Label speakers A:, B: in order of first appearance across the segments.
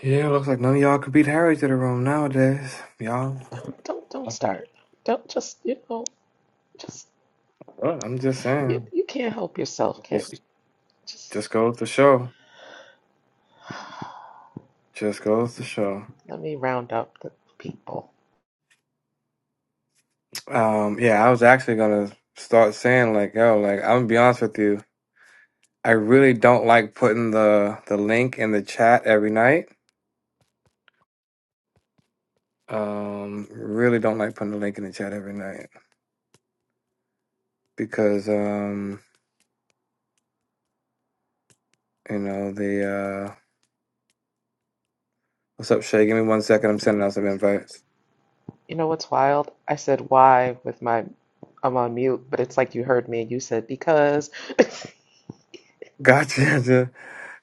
A: Yeah, looks like none of y'all could beat Harry to the room nowadays. Y'all,
B: Don't don't don't
A: Well,
B: start. Don't just you know just
A: I'm just
B: you
A: saying,
B: you can't help yourself, kid.
A: just
B: Just
A: just goes to show, just goes to show.
B: let me round up the people.
A: Um, yeah, I was actually gonna start saying like, yo, like I'm gonna be honest with you, I really don't like putting the the link in the chat every night. Um, really don't like putting the link in the chat every night because um, you know the uh, what's up, Shay? Give me one second. I'm sending out some invites.
B: You know what's wild? I said why with my I'm on mute, but it's like you heard me and you said because.
A: Gotcha.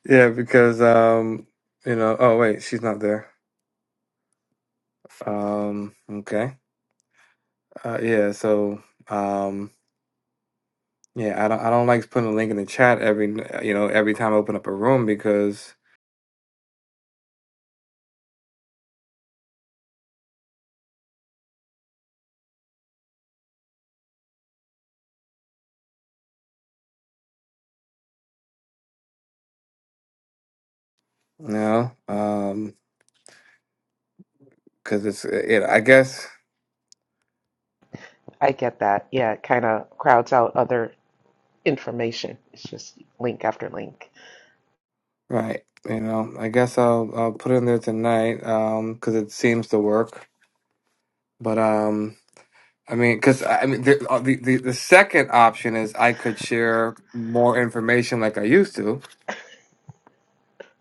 A: Yeah, because um, you know, oh wait, she's not there. Um, okay. Uh, yeah, so um, yeah, I don't I don't like putting a link in the chat every you know, every time I open up a room because you know, um, because it's it I guess
B: I get that. Yeah, it kind of crowds out other information. It's just link after link.
A: right, you know, I guess I'll I'll put it in there tonight um because it seems to work. But um I mean, because I I mean, the, uh, the the the second option is I could share more information like I used to,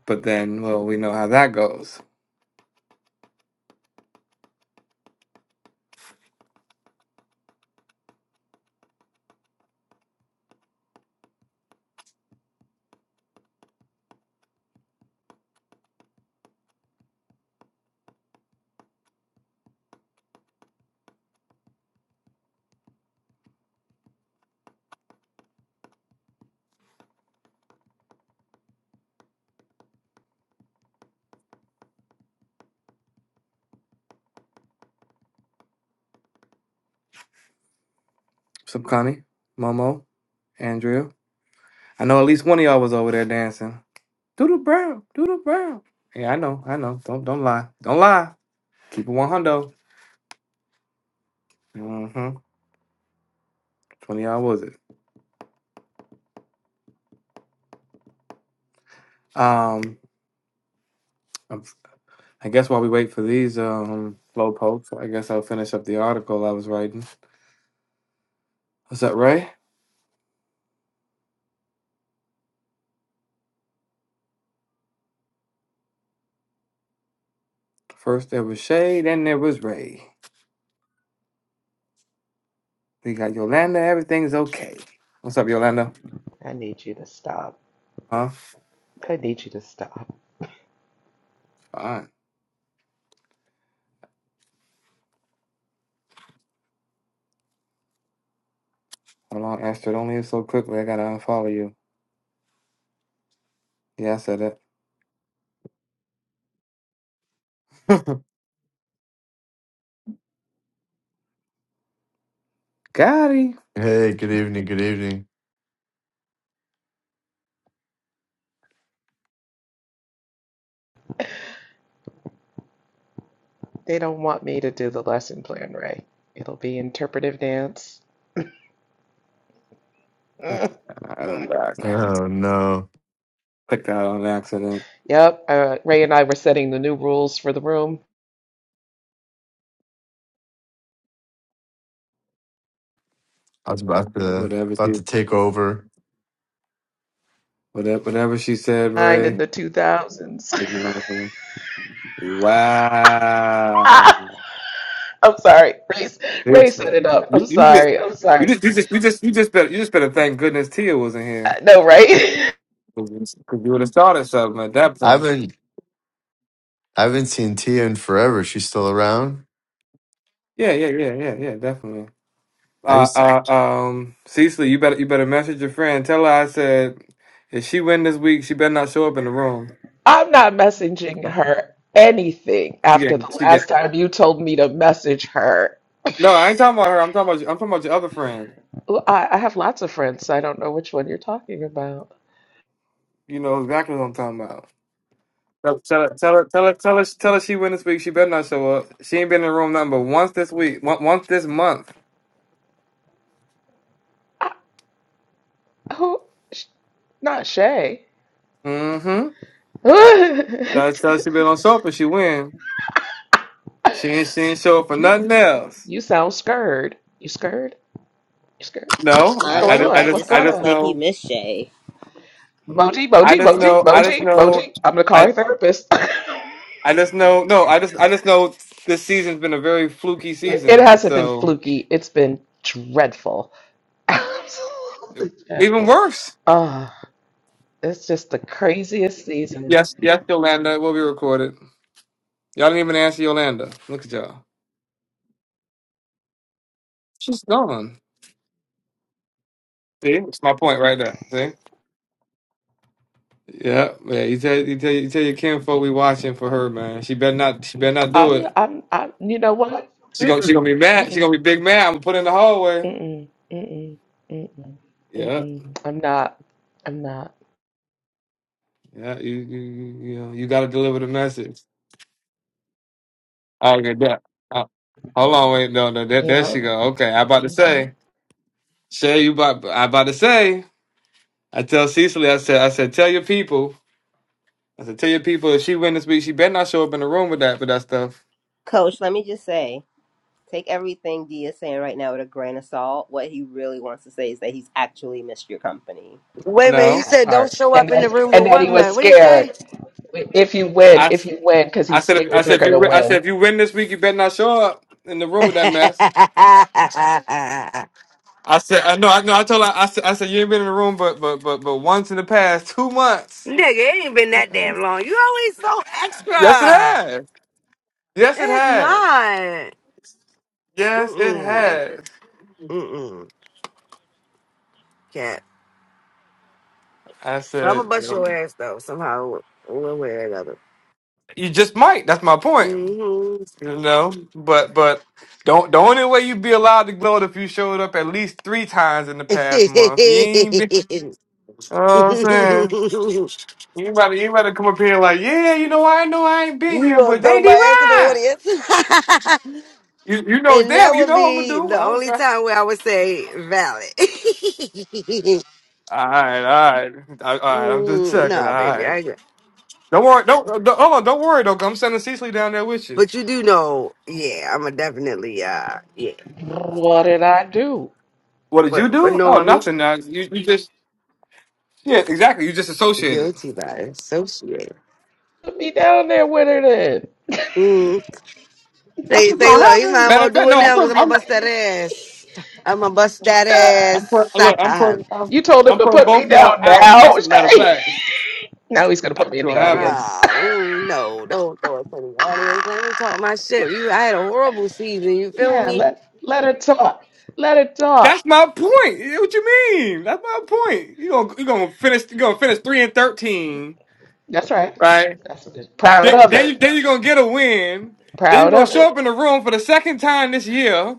A: But then, well, we know how that goes. What's up, Connie? Momo, Andrea. I know at least one of y'all was over there dancing. Doodle brown, doodle brown. Yeah, I know, I know. Don't don't lie. Don't lie. Keep it one hundo. Mm-hmm. Twenty y'all was it? Um I'm- I guess while we wait for these um low pokes, I guess I'll finish up the article I was writing. What's up, Ray? First there was Shay, then there was Ray. We got Yolanda, everything's okay. What's up, Yolanda?
B: I need you to stop.
A: Huh?
B: I need you to stop.
A: Fine. Hold on, Astrid? don't leave so quickly. I gotta unfollow you. Yeah, I said it. Got him.
C: Hey, good evening, good evening.
B: They don't want me to do the lesson plan, Ray. It'll be interpretive dance.
A: I'm back.
C: Oh no.
A: Clicked out on accident.
B: Yep, uh, Ray and I were setting the new rules for the room.
C: I was about to
A: Whatever
C: about
A: she,
C: to take over.
A: whatever, whatever she said,
B: Nine in
A: Ray.
B: the 2000s.
A: If you remember from Wow.
B: I'm sorry. Ray, Ray set
A: Seriously.
B: it up.
A: You,
B: I'm
A: you just,
B: sorry. I'm
A: you
B: sorry.
A: just, you just, you just, you just better, you just better thank goodness Tia wasn't
B: Uh,
A: here.
B: No, right?
A: Because you would have started something at that
C: I
A: point.
C: haven't I haven't seen Tia in forever. She's still around.
A: Yeah, yeah, yeah, yeah, yeah, definitely.
C: I used to,
A: Uh, uh, um, Cecily, you better you better message your friend. Tell her I said if she win this week, she better not show up in the room.
B: I'm not messaging her anything
A: She
B: after
A: getting
B: the
A: she get.
B: last time you told me to message her.
A: No, I ain't talking about her. I'm talking about you- I'm talking about your other friend.
B: Well, I, I have lots of friends. so I don't know which one you're talking about.
A: You know exactly what I'm talking about. Tell, tell her, tell her, tell her, tell her, tell her she win this week. She better not show up. She ain't been in the room nothing but once this week, on- once this month.
B: I, who? Sh- Not Shay.
A: Mm-hmm. Tell her, tell her she better not show up if she win. She
B: you,
A: ain't, she ain't show up for nothing else.
B: you sound scared. You scared? scared. What's
A: No,
B: what's
A: I, I,
B: going
D: Honestly,
A: just- I
B: on?
D: that
B: What's
A: just,
D: just
A: I
B: going
A: just
D: sounds
B: on?
D: like he
A: know,
D: missed Shay.
B: Moji,
A: I
B: Moji,
A: just
B: Moji,
A: know, I just
B: Moji,
A: know.
B: Moji. I'm gonna call a therapist.
A: I just know no, I just I just know this season's been a very fluky
B: it
A: season.
B: hasn't been
A: So
B: fluky. It's been dreadful, absolutely
A: even
B: dreadful.
A: worse.
B: Ah, it's just the craziest season.
A: Yes, yes, Yolanda, it will be recorded. Y'all didn't even answer Yolanda. Look at y'all. She's gone. See, it's my point right there. See? Yeah, yeah. You tell you tell you tell your kinfolk we watching for her, man. She better not she better not do
B: I'm,
A: it.
B: I'm, I'm. You know what?
A: She gonna she gonna
B: Mm,
A: be mad. She
B: Mm-mm,
A: gonna be big mad. I'm gonna put her in the hallway.
B: mm-mm, mm-mm, mm-mm,
A: Yeah,
B: mm-mm. I'm not. I'm not.
A: yeah. You you you you know you gotta deliver the message. Okay, that. Uh, hold on, wait, no, no. That there there
B: Yeah.
A: she go. Okay, I about to
B: Mm-hmm.
A: say. Shay, you about I about to say. I tell Cecily, I said, I said, tell your people. I said, tell your people if she win this week, she better not show up in the room with that with that stuff.
D: Coach, let me just say, take everything D is saying right now with a grain of salt. What he really wants to say is that he's actually missed your company.
E: Wait a minute. He
A: No,
B: that
E: said, "Don't
B: part,
E: show
B: and
E: up in the
B: that,
E: room
B: and
E: with
B: that
E: what
B: he was
E: man?" What did he say?
B: scared. If you win,
A: I,
B: if
A: s-
B: you win, because
A: I
B: he's
A: said, if, I
B: scared you're
A: said if you
B: gonna
A: wi- I
B: win.
A: said if you win this week, you better not show up in the room with that mess.
E: Nigga,
A: I said, I know, I know. I told her, I said, I said, you ain't been in the room, but but but but once in the past two months.
E: it ain't been that damn long. You always so
A: Yes, it
E: extra.
A: has. Yes, it
E: It's
A: has.
E: not.
A: Yes, it
E: Mm-mm.
A: has.
E: Mm-mm. Cat.
A: I
E: But I'm gonna
A: said,
E: bust your ass though. Somehow, one way or another.
A: you just might. That's my point.
E: Mm-hmm.
A: You know, but but don't the only way you'd be allowed to gloat if you showed up at least three times in the past month. You ain't been. You know what
E: you
A: I'm saying you ain't about to, you ain't about to come up here like, yeah, you know, I know I ain't been here,
E: gonna
A: but they
E: throw my
A: did
E: ass in the
A: right.
E: audience?
A: You you know
E: And that
A: that you
E: would
A: know what I'm gonna
E: be
A: do.
E: the
A: I was
E: only
A: like,
E: time where I would say valid.
A: all right, all right, all right. I'm just
E: mm,
A: checking. All
E: nah, baby, I
A: right,
E: agree.
A: don't worry. Don't, uh, don't hold on. Don't worry though. 'cause I'm sending Cecily down there with you.
E: But you do know, yeah, I'm a definitely, uh, yeah.
B: What did I do?
A: What did you
E: But for
A: do? Oh,
E: knowing me,
A: nothing. Uh, you you just yeah, exactly. You just associated.
E: guilty by associate.
B: Put me down there, winner. Then
E: Mm.
A: That's
E: Say,
A: what's
E: say,
A: gonna
E: look, he
A: happen.
E: might as
A: Matter
E: well
A: of fact,
E: do it
A: no,
E: now because
A: I'm,
E: I'm
A: I'm,
E: going to bust that ass. I'm going to bust that
B: Ah,
A: I'm put,
E: ass.
A: look, I'm putting I'm,
B: you told him
A: I'm
B: to
A: putting
B: put me
A: both y'all
B: down
A: out.
B: now.
A: That's a matter of
B: Shay.
A: fact.
B: now he's gonna
A: That's
B: put me in the
A: gonna
B: audience.
A: happen.
E: Ah, mm, no, don't throw it to the audience. Let me talk my shit. You, I had a horrible season. You feel
B: Yeah,
E: me?
B: let let her talk. Let her
A: That's
B: talk.
A: my point. Eh, What you mean? That's my point. You gonna you gonna finish you gonna finish three and thirteen,
B: That's right.
A: right?
B: That's what it- is. proud
A: Then
B: of
A: then you
B: it.
A: then you're gonna get a win. Then you're
B: Proud
A: gonna
B: of
A: show
B: it.
A: up in the room for the second time this year.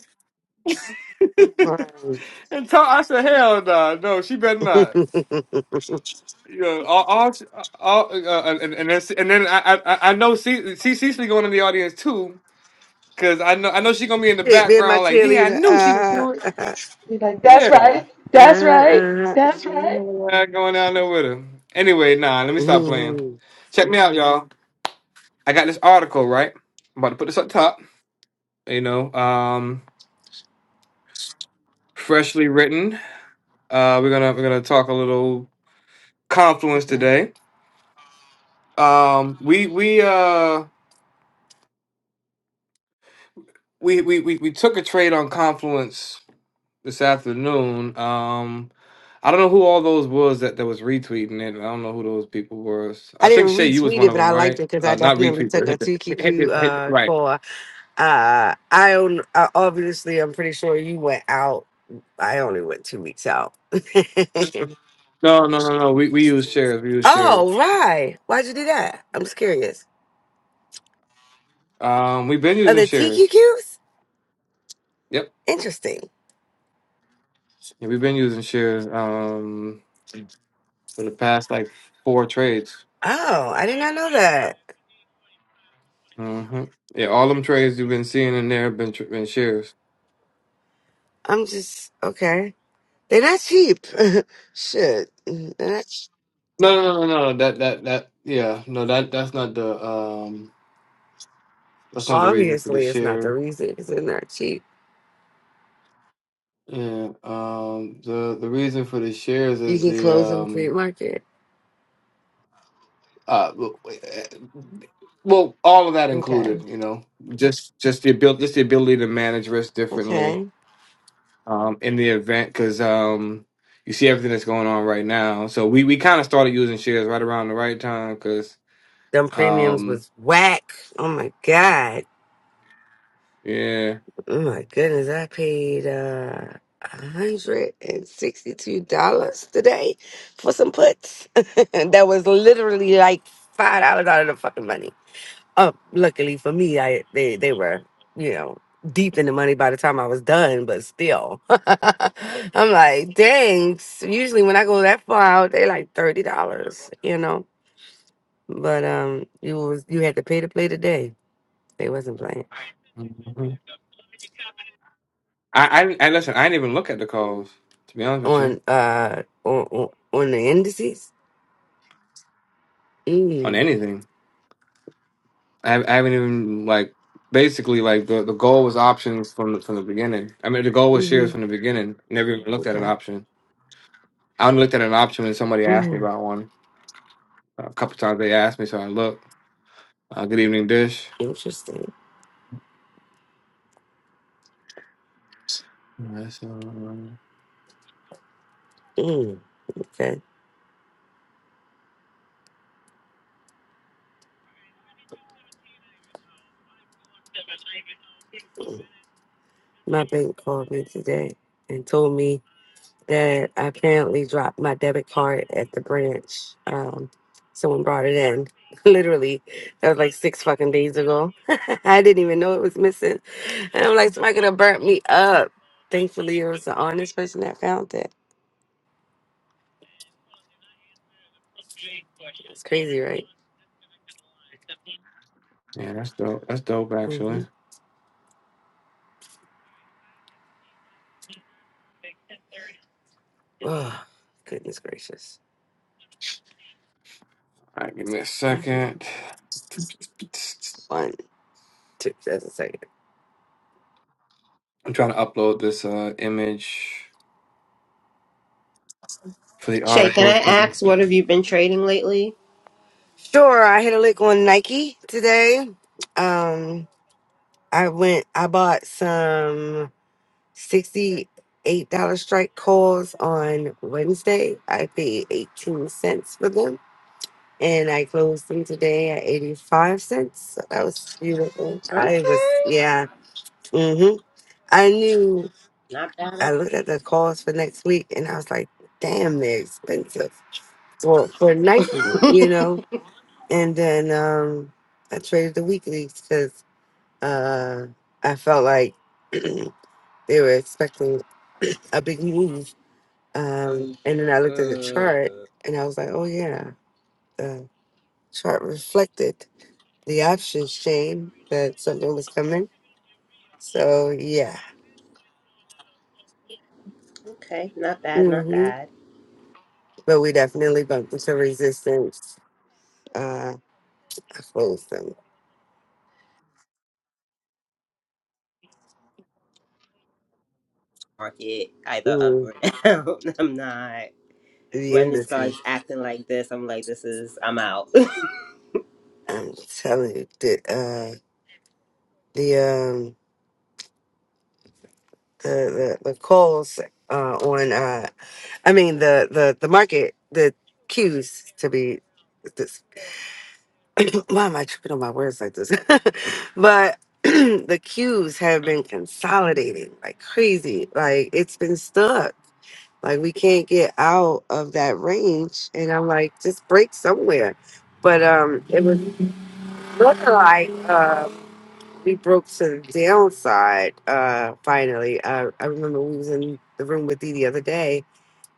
A: and
E: Mm.
A: talk, I said, hell no, no, she better not. You know, all, all, all uh, uh, and, and then, and then I, I, I know C, C, Cecily going in the audience too. Cause I know I know she gonna be in the
E: Shit, being my
A: background like, yeah, I
E: cheerleader.
A: knew she would
E: Uh,
A: do it.
E: uh,
B: Be like, that's
A: Yeah.
B: right.
E: uh,
B: That's right.
E: uh,
B: That's right.
A: Not going down there with her. Anyway, nah, let me stop playing.
E: Mhm.
A: Check me out, y'all. I got this article, right? I'm about to put this up top. You know, um, freshly written. Uh we're gonna we're gonna talk a little confluence
E: Okay.
A: today. Um we we uh we we we, we took a trade on confluence this afternoon. Um, I don't know who all those was that, that was retweeting it. I don't know who those people was.
E: I
A: I think
E: didn't
A: Shay, you was
E: retweet
A: one
E: it,
A: of
E: but I
A: them,
E: liked it
A: right?
E: because I
A: Uh, not
E: definitely
A: retweet,
E: took
A: but
E: a
A: hit the, hit
E: TQQ
A: the, hit the-
E: uh,
A: right.
E: call. Uh, I own, uh, obviously, I'm pretty sure you went out. I only went two weeks out.
A: No, no, no, no. We we use shares. We use
E: oh,
A: shares.
E: right. Why'd you do that? I'm just curious.
A: Um, we've been
E: Are
A: using
E: the
A: shares.
E: TQQs?
A: Yep.
E: Interesting.
A: Yeah, we've been using shares. Um, for the past like four trades.
E: Oh, I did not know that.
A: hmm Yeah, all them trades you've been seeing in there have been tr- been shares.
E: I'm just, okay. They're not cheap. Shit. They're not.
A: No, no, no, no. no, That that that. Yeah, no. That that's not the um. That's not the reason for the
E: Obviously, it's not
A: share.
E: the reason because they're not cheap.
A: Yeah, um, the the reason for the shares
E: You
A: is
E: can
A: the
E: close them free
A: um
E: market.
A: uh well all of that
E: Okay.
A: included, you know, just just the ability just the ability to manage risk differently
E: Okay.
A: um in the event because um you see everything that's going on right now. So we we kind of started using shares right around the right time because
E: Them premiums
A: um
E: was whack. Oh my god.
A: yeah
E: Oh my goodness. I paid uh hundred and sixty two dollars today for some puts. that was literally like five dollars out of the fucking money. Uh, luckily for me, I they they were you know deep in the money by the time I was done, but still, I'm like, dang. s- Usually when I go that far out, they like thirty dollars, you know. But um, you was you had to pay to play today. They wasn't playing
A: Mhm. I, I I listen I didn't even look at the calls to be honest with you
E: on uh on on, on the indices.
A: on
E: Mm,
A: anything. I, I haven't even like basically like the, the goal was options from the, from the beginning. I mean, the goal was shares
E: mm-hmm.
A: from the beginning. Never even looked at an
E: Okay.
A: option. I only looked at an option when somebody asked me
E: Mm,
A: about one. A couple times they asked me, so I looked. Uh, good evening, Dish.
E: interesting.
A: That's um,
E: Mm, okay. My bank called me today and told me that I apparently dropped my debit card at the branch. Um, someone brought it in. Literally, that was like six fucking days ago. I didn't even know it was missing. And I'm like, somebody could have burnt me up. Thankfully, it was the honest person that found it. It's crazy, right?
A: yeah, that's dope. That's dope, actually.
E: Mm-hmm.
A: All
E: Oh, goodness gracious.
A: right, give me a
E: hmm
A: second.
E: One, two, that's a second.
A: I'm trying to upload this uh image for the
D: Shay, can
A: article.
D: I ask what have you been trading lately?
E: Sure, I hit a lick on Nike today. Um, I went, I bought some. $68 strike calls on Wednesday. I paid 18 cents for them and I closed them today at 85 cents. So that was beautiful. I was,
D: Okay.
E: yeah. hmm I knew,
D: Not bad. at
E: I looked at the calls for next week and I was like, damn, they're expensive. Well, for Nike,
D: all.
E: you know? And then um, I traded the weeklies because uh, I felt like they were expecting a big move Um, and then I looked at the chart and I was like, oh, yeah, the chart reflected the options chain that something was coming. So, yeah.
D: okay, not bad, not
E: hmm
D: bad.
E: But we definitely bumped into resistance. Uh, I closed them.
D: Market either up
E: Mm,
D: or down. I'm not.
E: the
D: When it starts
E: indices,
D: acting like this, I'm like, this is, I'm out.
E: I'm telling you, the, uh, the, um, the, the, the calls uh, on, uh, I mean, the, the, the market, the cues to be why am I tripping on my words like this? but the queues have been consolidating like crazy. Like it's been stuck. Like we can't get out of that range. And I'm like, just break somewhere. But um it was looking like uh we broke to the downside uh finally. Uh, I remember we was in the room with Dee the other day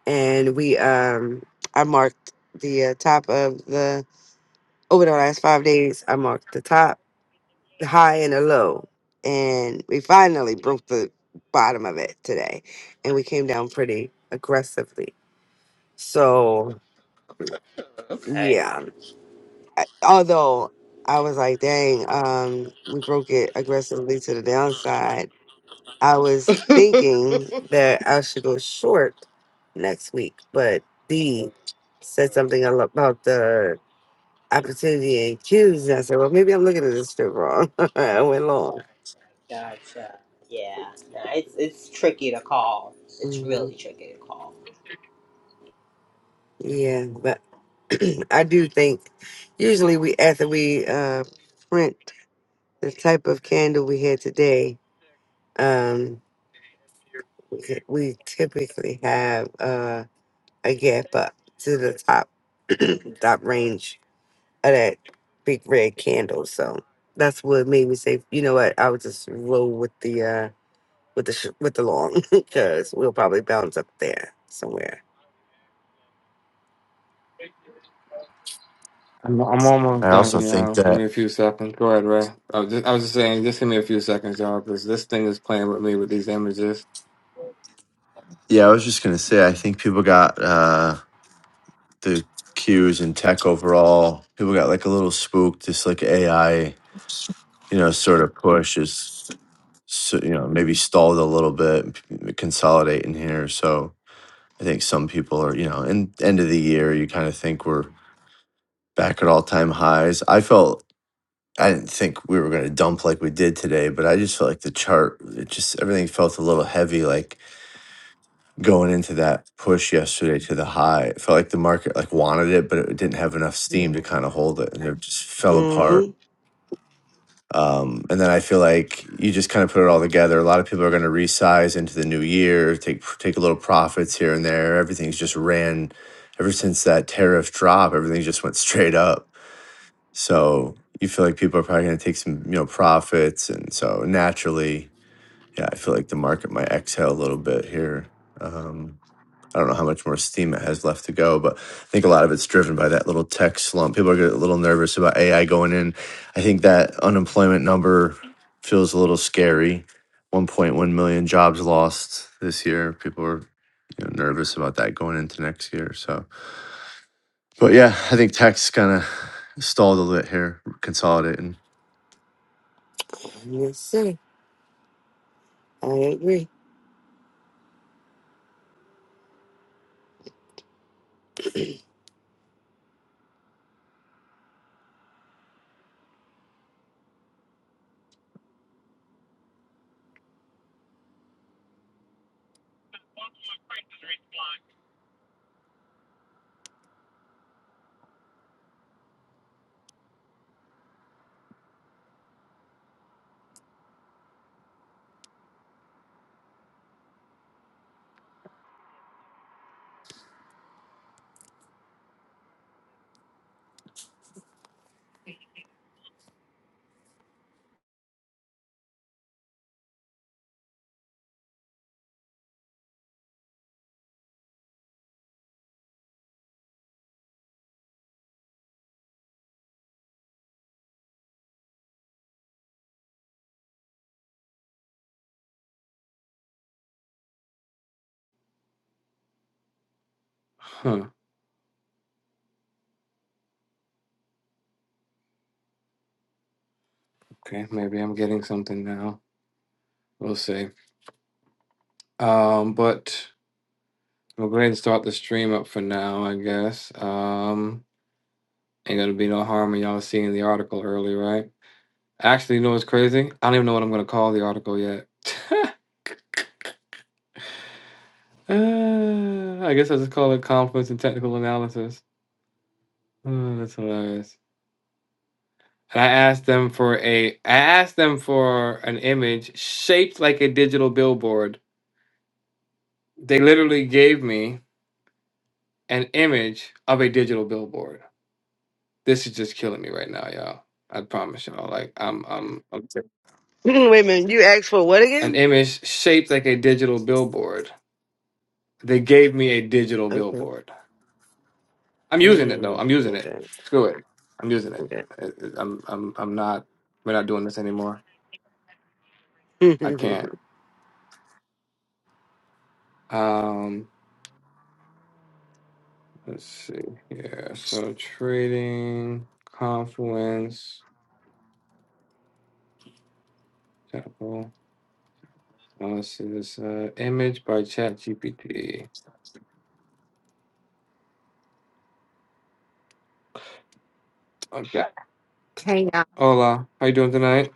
E: and we um I marked the uh, top of the over the last five days I marked the top the high and the low. And we finally broke the bottom of it today. And we came down pretty aggressively. So,
D: okay.
E: yeah. I- Although I was like, dang, um, we broke it aggressively to the downside. I was thinking that I should go short next week, but D said something al- about the opportunity and cues. And I said, well, maybe I'm looking at this strip wrong. I went long.
D: Gotcha. Yeah. No, it's it's tricky to call. It's
E: Mm-hmm.
D: really tricky to call.
E: Yeah, but I do think usually we after we uh, print the type of candle we had today, um, we we typically have uh, a gap up to the top top range of that big red candle. So that's what made me say, you know what, I would just roll with the uh, with the sh- with the long because we'll probably bounce up there somewhere.
A: I'm, I'm almost
C: I also
A: done,
C: think
A: y'all. Give
C: that
A: me a few seconds. Go ahead, Ray. I was just, I was just saying, just give me a few seconds, y'all, because this thing is playing with me with these images.
C: yeah, I was just gonna say I think people got uh the cues in tech overall. People got like a little spooked, this like AI, you know, sort of push is so, you know, maybe stalled a little bit consolidating here. So I think some people are, you know, in end of the year you kind of think we're back at all time highs. I felt I didn't think we were going to dump like we did today, but I just felt like the chart, it just everything felt a little heavy, like going into that push yesterday to the high. It felt like the market like wanted it, but it didn't have enough steam to kind of hold it, and it just fell apart.
E: Mm-hmm.
C: Um, and then I feel like you just kind of put it all together. A lot of people are going to resize into the new year, take take a little profits here and there. Everything's just ran ever since that tariff drop. Everything just went straight up So you feel like people are probably going to take some, you know, profits, and so naturally, yeah, I feel like the market might exhale a little bit here. Um, I don't know how much more steam it has left to go, but I think a lot of it's driven by that little tech slump. People are getting a little nervous about AI going in. I think that unemployment number feels a little scary. 1.1 million jobs lost this year. People are you know, nervous about that going into next year. So, but yeah, I think tech's kind of stalled a little bit here, consolidating.
E: Yes, sir. I agree.
A: Huh. Okay, maybe I'm getting something now. We'll see. Um, but we'll go ahead and start the stream up for now, I guess. Um, ain't gonna be no harm in y'all seeing the article early, right? Actually, you know what's crazy? I don't even know what I'm gonna call the article yet. Uh, I guess I'll just call it Confluence and Technical Analysis. Uh, that's hilarious. And I asked them for a I asked them for an image shaped like a digital billboard. They literally gave me an image of a digital billboard. This is just killing me right now, y'all. I promise y'all. Like I'm I'm I'm sick.
E: Wait a minute. You asked for what
A: an
E: again?
A: image shaped like a digital billboard. They gave me a digital
E: Okay.
A: billboard. I'm using it though.
E: Mm,
A: I'm using it.
E: okay.
A: Screw it. I'm using it.
E: Okay.
A: It- it- I'm I'm I'm not we're not doing this anymore. I can't. Um. Let's see here. So trading, Confluence, Apple. Uh, This is uh, image by ChatGPT. Okay.
F: Chaos.
A: Hola, how you doing tonight?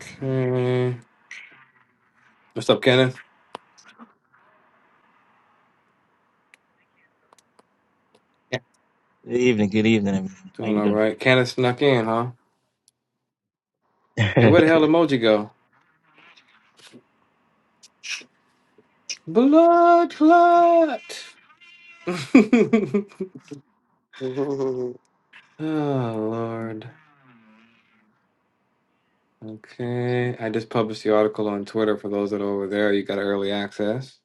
A: Okay. What's up, Kenneth? Yeah.
G: Good evening, good evening, everyone. How
A: Doing
G: you
A: all right. Kenneth snuck in, huh? And
G: doing?
A: where the hell emoji go? Blood clot. oh Lord. Okay. I just published the article on Twitter for those that are over there. You got early access.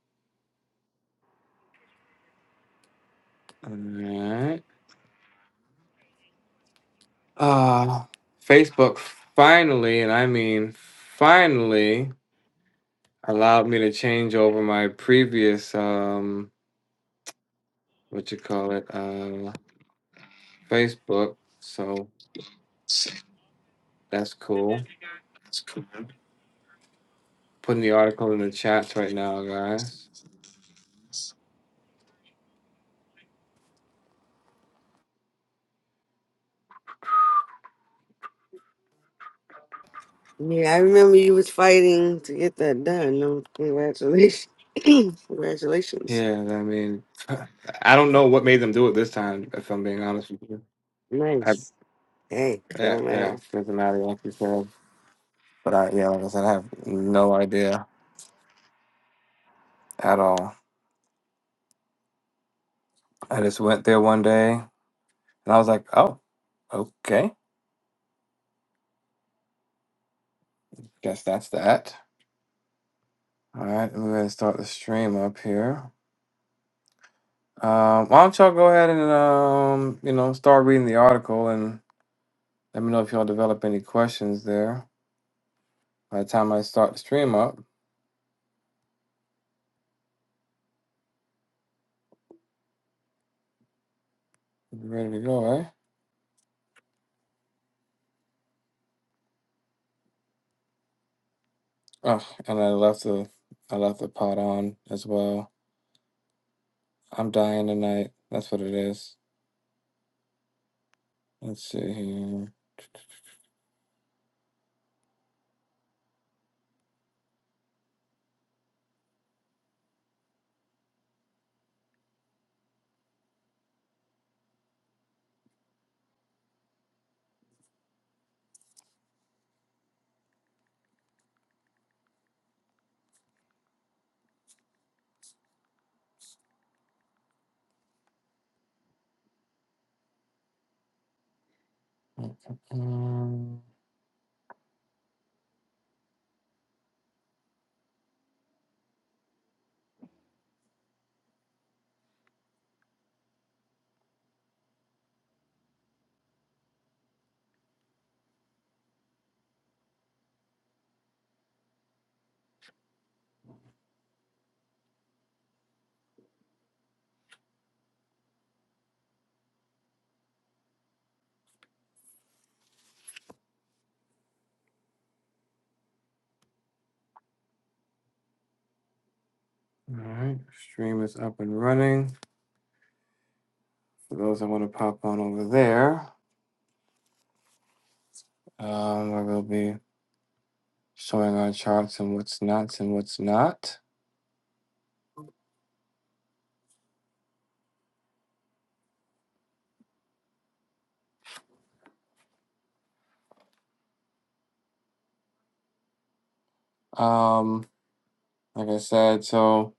A: All right. Uh, Facebook finally, and I mean finally, allowed me to change over my previous um, what you call it, uh, Facebook. So that's cool. Putting the article in the chats right now, guys.
E: yeah, I remember you was fighting to get that done. No, congratulations. congratulations.
A: Yeah, I mean, I don't know what made them do it this time. If I'm being honest with you, I
E: Nice. Hey,
A: yeah,
E: don't
A: yeah
E: matter.
A: doesn't matter like you said. But I yeah, like I said, I have no idea at all. I just went there one day. And I was like, oh, okay. Guess that's that. All right, we're gonna start the stream up here. Um, why don't y'all go ahead and um, you know, start reading the article and let me know if y'all develop any questions there. By the time I start the stream up, we'll be ready to go, eh? Oh, and I left the I left the pot on as well. I'm dying tonight. That's what it is. Let's see here. All right, stream is up and running. For those that want to pop on over there. Um, I will be showing our charts and what's nots and what's not. Um, like I said, so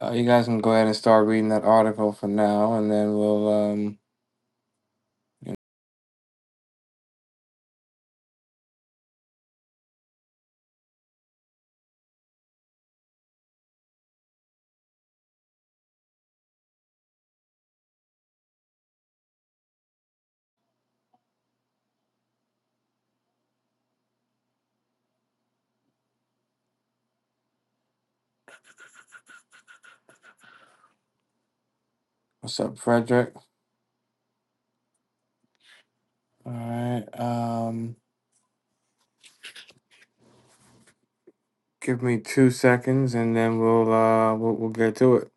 A: uh, you guys can go ahead and start reading that article for now, and then we'll um. you know, What's up, Frederick? All right. Um, give me two seconds, and then we'll uh we'll, we'll get to it.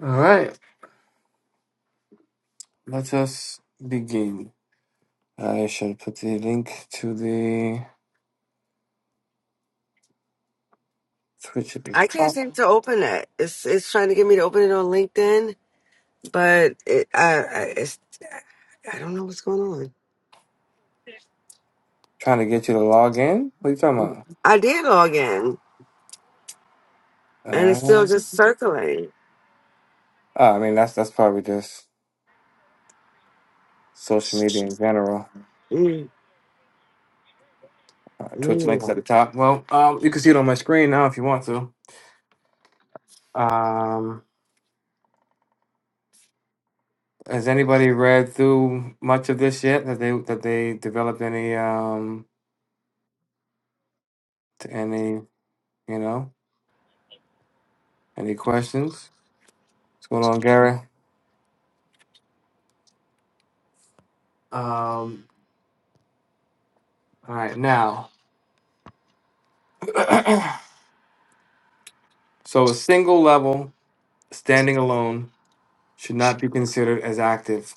A: All right. Let us begin. I should put the link to the Twitch at the
E: I can't
A: top.
E: seem to open that. It's it's trying to get me to open it on LinkedIn, but it, I I, it's, I don't know what's going on.
A: Trying to get you to log in. What are you talking
E: I did log in, and it's
A: about?
E: still
A: Uh,
E: just circulating.
A: Uh, I mean, that's that's probably just social media in general.
E: Mm,
A: Uh, Twitch links at
E: mm.
A: the top. Well, um, you can see it on my screen now if you want to. Um, has anybody read through much of this yet? That they that they developed any um t- any you know any questions? What's going on, Gary? Um, all right, now, so a single level standing alone should not be considered as active.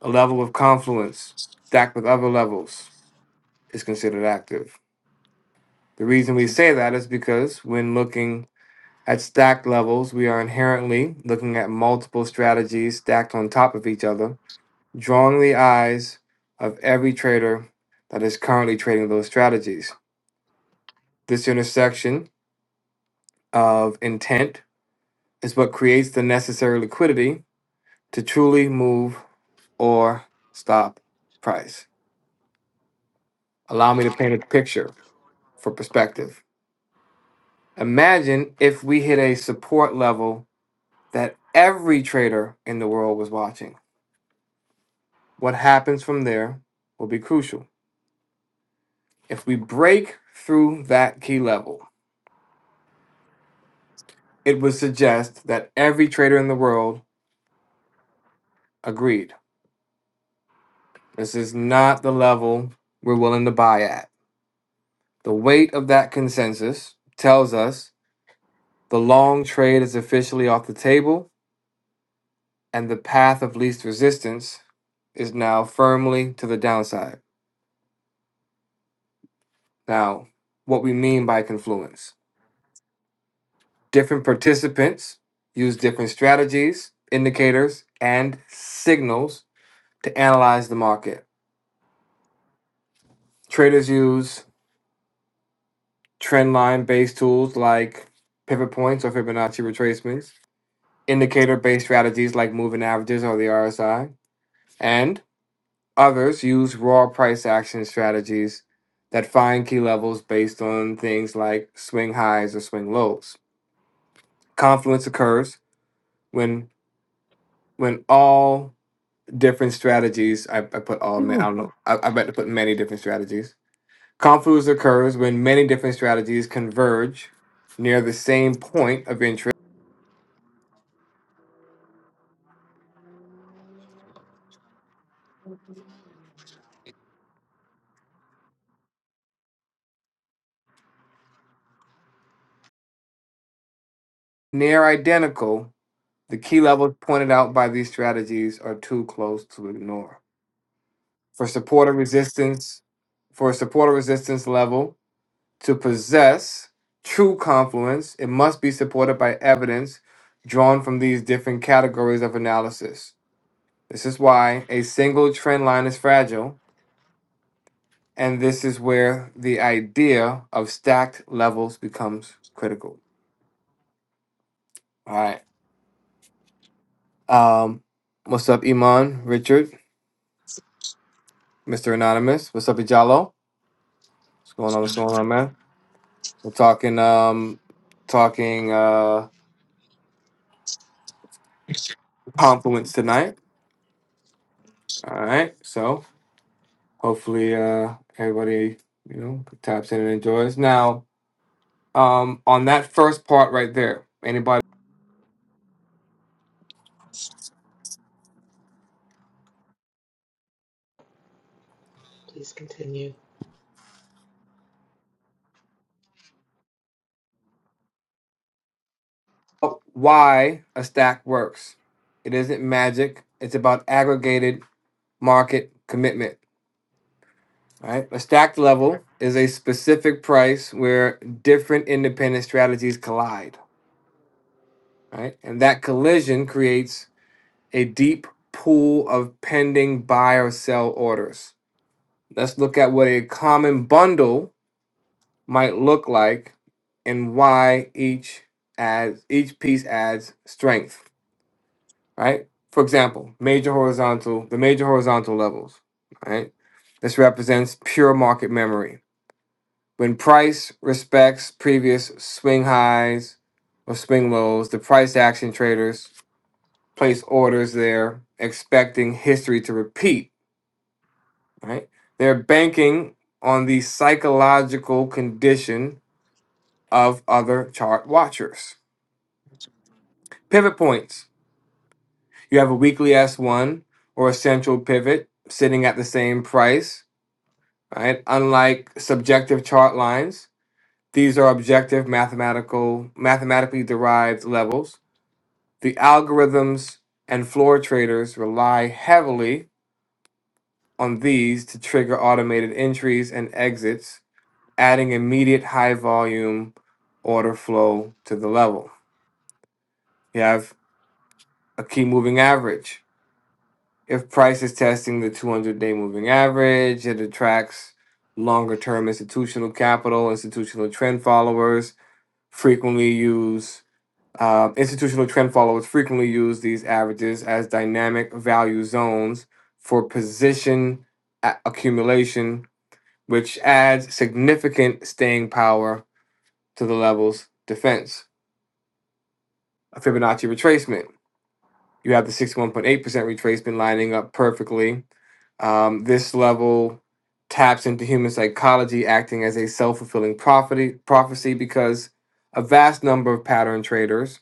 A: A level of confluence stacked with other levels is considered active. The reason we say that is because when looking at stacked levels, we are inherently looking at multiple strategies stacked on top of each other, drawing the eyes of every trader that is currently trading those strategies. This intersection of intent is what creates the necessary liquidity to truly move or stop price. Allow me to paint a picture for perspective. Imagine if we hit a support level that every trader in the world was watching. What happens from there will be crucial. If we break through that key level, it would suggest that every trader in the world agreed. This is not the level we're willing to buy at. The weight of that consensus tells us the long trade is officially off the table and the path of least resistance is now firmly to the downside. Now, what we mean by confluence. Different participants use different strategies, indicators, and signals to analyze the market. Traders use trendline based tools like pivot points or Fibonacci retracements, indicator based strategies like moving averages or the RSI, and others use raw price action strategies that find key levels based on things like swing highs or swing lows. Confluence occurs when when all different strategies. I, I put all ma- I don't know. I, I bet to put many different strategies. Confluence occurs when many different strategies converge near the same point of interest. Near identical, the key levels pointed out by these strategies are too close to ignore. For support or resistance, for a support or resistance level to possess true confluence, it must be supported by evidence drawn from these different categories of analysis This is why a single trend line is fragile, and this is where the idea of stacked levels becomes critical. All right. Um, what's up, Iman, Richard, Mr. Anonymous? What's up, Ijalo? What's going on? What's going on, man? We're talking um talking uh confluence tonight. All right. So hopefully uh everybody, you know, taps in and enjoys. Now, um on that first part right there, anybody?
B: Please continue.
A: about why a stack works. It isn't magic. It's about aggregated market commitment. Right? A stacked level is a specific price where different independent strategies collide. Right? And that collision creates a deep pool of pending buy or sell orders. Let's look at what a common bundle might look like and why each adds each piece adds strength. right? For example, major horizontal, the major horizontal levels, right? This represents pure market memory. When price respects previous swing highs or swing lows, the price action traders place orders there expecting history to repeat, right? They're banking on the psychological condition of other chart watchers. Pivot points. You have a weekly S1 or a central pivot sitting at the same price right? Unlike subjective chart lines, these are objective mathematical mathematically derived levels. The algorithms and floor traders rely heavily on these to trigger automated entries and exits, adding immediate high volume order flow to the level. You have a key moving average. If price is testing the 200 day moving average, it attracts longer term institutional capital, institutional trend followers, frequently use um, institutional trend followers frequently use these averages as dynamic value zones for position a- accumulation, which adds significant staying power to the level's defense. A Fibonacci retracement. You have the 61.8% retracement lining up perfectly. Um, this level taps into human psychology, acting as a self fulfilling prophecy, prophecy because a vast number of pattern traders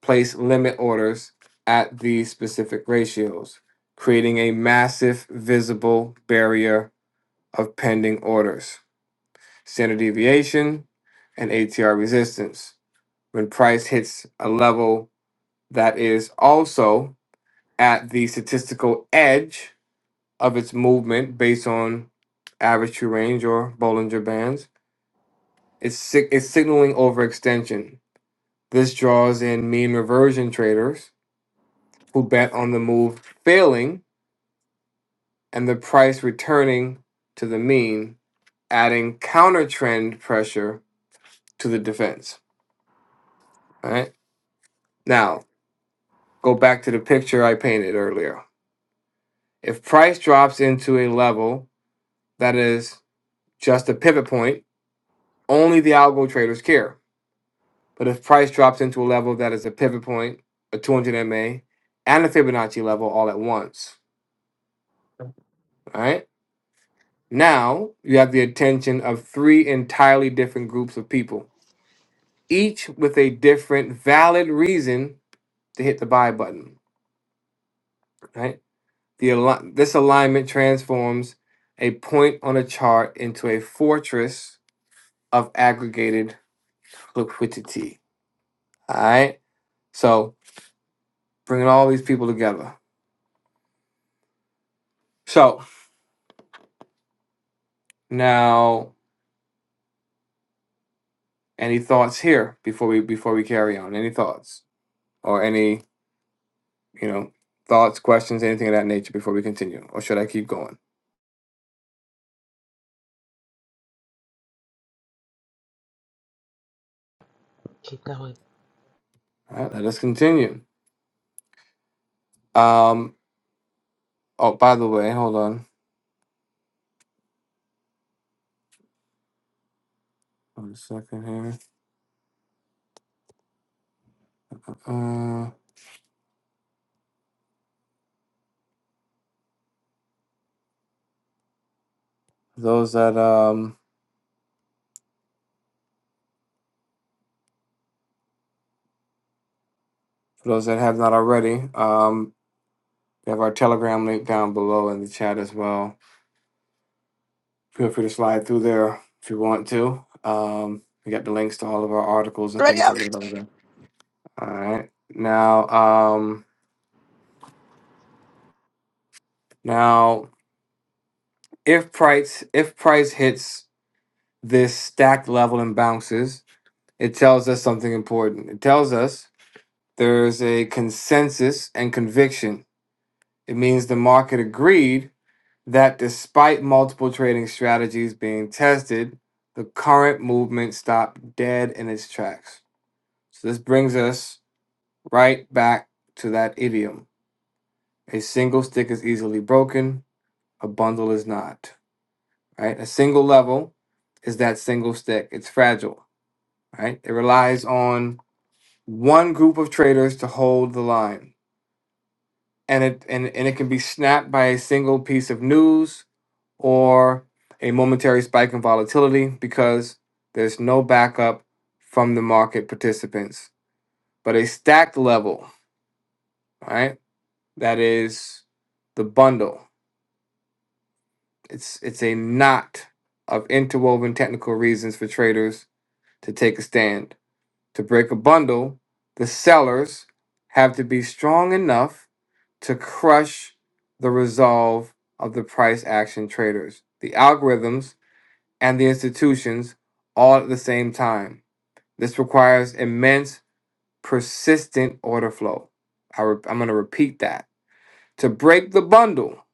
A: place limit orders at these specific ratios, creating a massive visible barrier of pending orders, standard deviation, and ATR resistance. When price hits a level that is also at the statistical edge of its movement based on average true range or Bollinger bands, it's, sig- it's signaling overextension. This draws in mean reversion traders who bet on the move failing and the price returning to the mean, adding counter trend pressure to the defense. All right. Now, go back to the picture I painted earlier. If price drops into a level that is just a pivot point, only the algo traders care. But if price drops into a level that is a pivot point, a 200 MA, and a Fibonacci level all at once, all right? Now you have the attention of three entirely different groups of people each with a different valid reason to hit the buy button, right? The al- this alignment transforms a point on a chart into a fortress of aggregated liquidity. All right. So bringing all these people together. So now, any thoughts here before we before we carry on? Any thoughts or any you know thoughts, questions, anything of that nature before we continue, or should I keep going?
B: Keep going.
A: All right. Let us continue. Um. Oh, by the way, hold on. One second here. Uh, those that um, for those that have not already, um, we have our Telegram link down below in the chat as well. Feel free to slide through there if you want to. Um, we got the links to all of our articles and
E: Ready
A: things
E: up?
A: like that over there. All right. Now, um, now if price if price hits this stack level and bounces, it tells us something important. It tells us there's a consensus and conviction. It means the market agreed that despite multiple trading strategies being tested, the current movement stopped dead in its tracks. So this brings us right back to that idiom. A single stick is easily broken, a bundle is not. Right? A single level is that single stick. It's fragile, right? It relies on one group of traders to hold the line. And it and, and it can be snapped by a single piece of news or a momentary spike in volatility because there's no backup from the market participants. But a stacked level, right? That is the bundle. It's it's a knot of interwoven technical reasons for traders to take a stand. To break a bundle, the sellers have to be strong enough to crush the resolve of the price action traders. The algorithms and the institutions all at the same time. This requires immense, persistent order flow. I re- I'm going to repeat that. To break the bundle,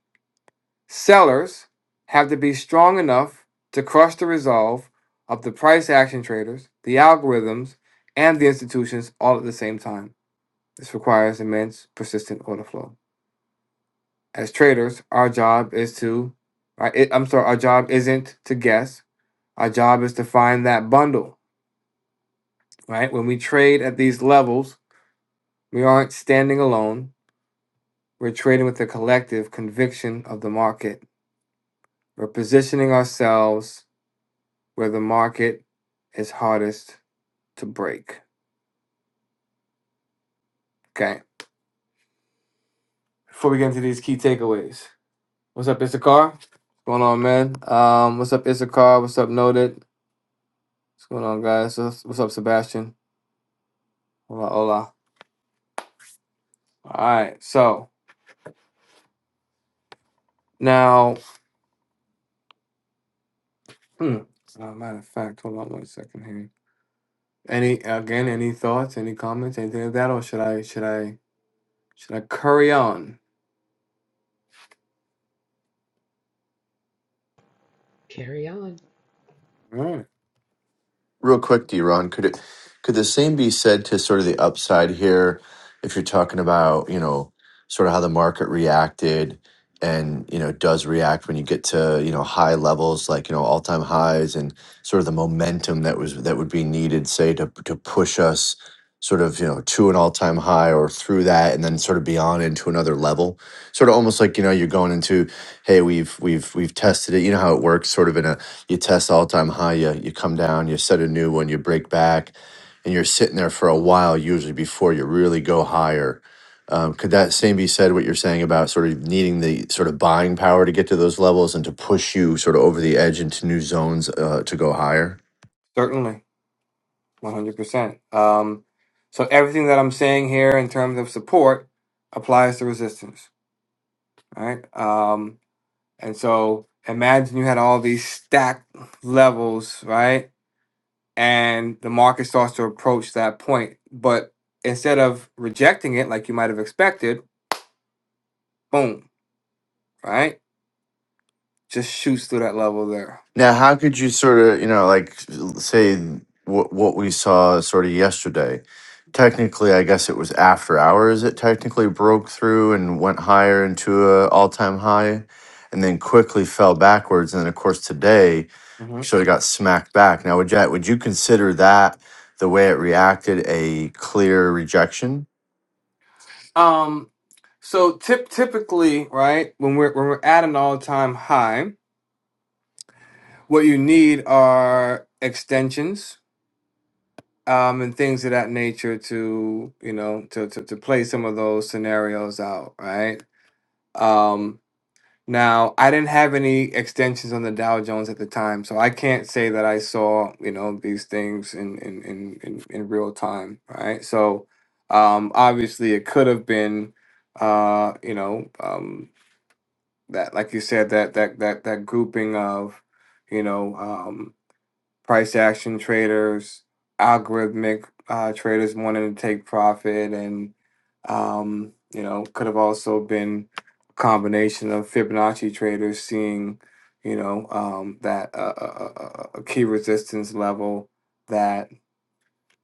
A: sellers have to be strong enough to crush the resolve of the price action traders, the algorithms, and the institutions all at the same time. This requires immense, persistent order flow. As traders, our job is to, right, I'm sorry, our job isn't to guess. Our job is to find that bundle right? When we trade at these levels, we aren't standing alone. We're trading with the collective conviction of the market. We're positioning ourselves where the market is hardest to break. Okay. Before we get into these key takeaways, what's up, Issachar? What's going on, man? Um, what's up, Issachar? What's up, Noted? What's going on, guys? What's what's up, Sebastian? Hola, hola. All right. So now, hmm, uh, matter of fact, hold on one second here. Any again? Any thoughts? Any comments? Anything of that, or should I should I should I curry on?
B: Carry on.
A: All right.
C: real quick, Deron, could it could the same be said to sort of the upside here if you're talking about, you know, sort of how the market reacted and, you know, does react when you get to, you know, high levels like, you know, all-time highs and sort of the momentum that was that would be needed say to to push us sort of, you know, to an all-time high or through that and then sort of beyond into another level. Sort of almost like, you know, you're going into hey, we've we've we've tested it, you know how it works sort of in a you test all time high, you, you come down, you set a new one, you break back, and you're sitting there for a while, usually before you really go higher. Um, could that same be said what you're saying about sort of needing the sort of buying power to get to those levels and to push you sort of over the edge into new zones uh, to go higher?
A: Certainly, one hundred percent. Um, so everything that I'm saying here in terms of support applies to resistance, All right? Um, and so imagine you had all these stacked levels, right? And the market starts to approach that point, but instead of rejecting it like you might have expected, boom, right? Just shoots through that level there
C: Now, how could you sort of, you know, like say what what we saw sort of yesterday? Technically, I guess it was after hours. It technically broke through and went higher into a all time high, and then quickly fell backwards. And then, of course, today
A: hmm
C: sort of got smacked back. Now, would you would you consider that the way it reacted a clear rejection?
A: Um, so tip typically, right, when we're when we're at an all-time high, what you need are extensions, um, and things of that nature to, you know, to to, to play some of those scenarios out, right? Um, Now, I didn't have any extensions on the Dow Jones at the time, so I can't say that I saw, you know, these things in in in in, in real time, right? So, um, obviously, it could have been, uh, you know, um, that like you said that that that that grouping of, you know, um, price action traders, algorithmic uh, traders wanting to take profit, and um, you know, could have also been a combination of Fibonacci traders seeing, you know, um, that uh, a a uh, key resistance level that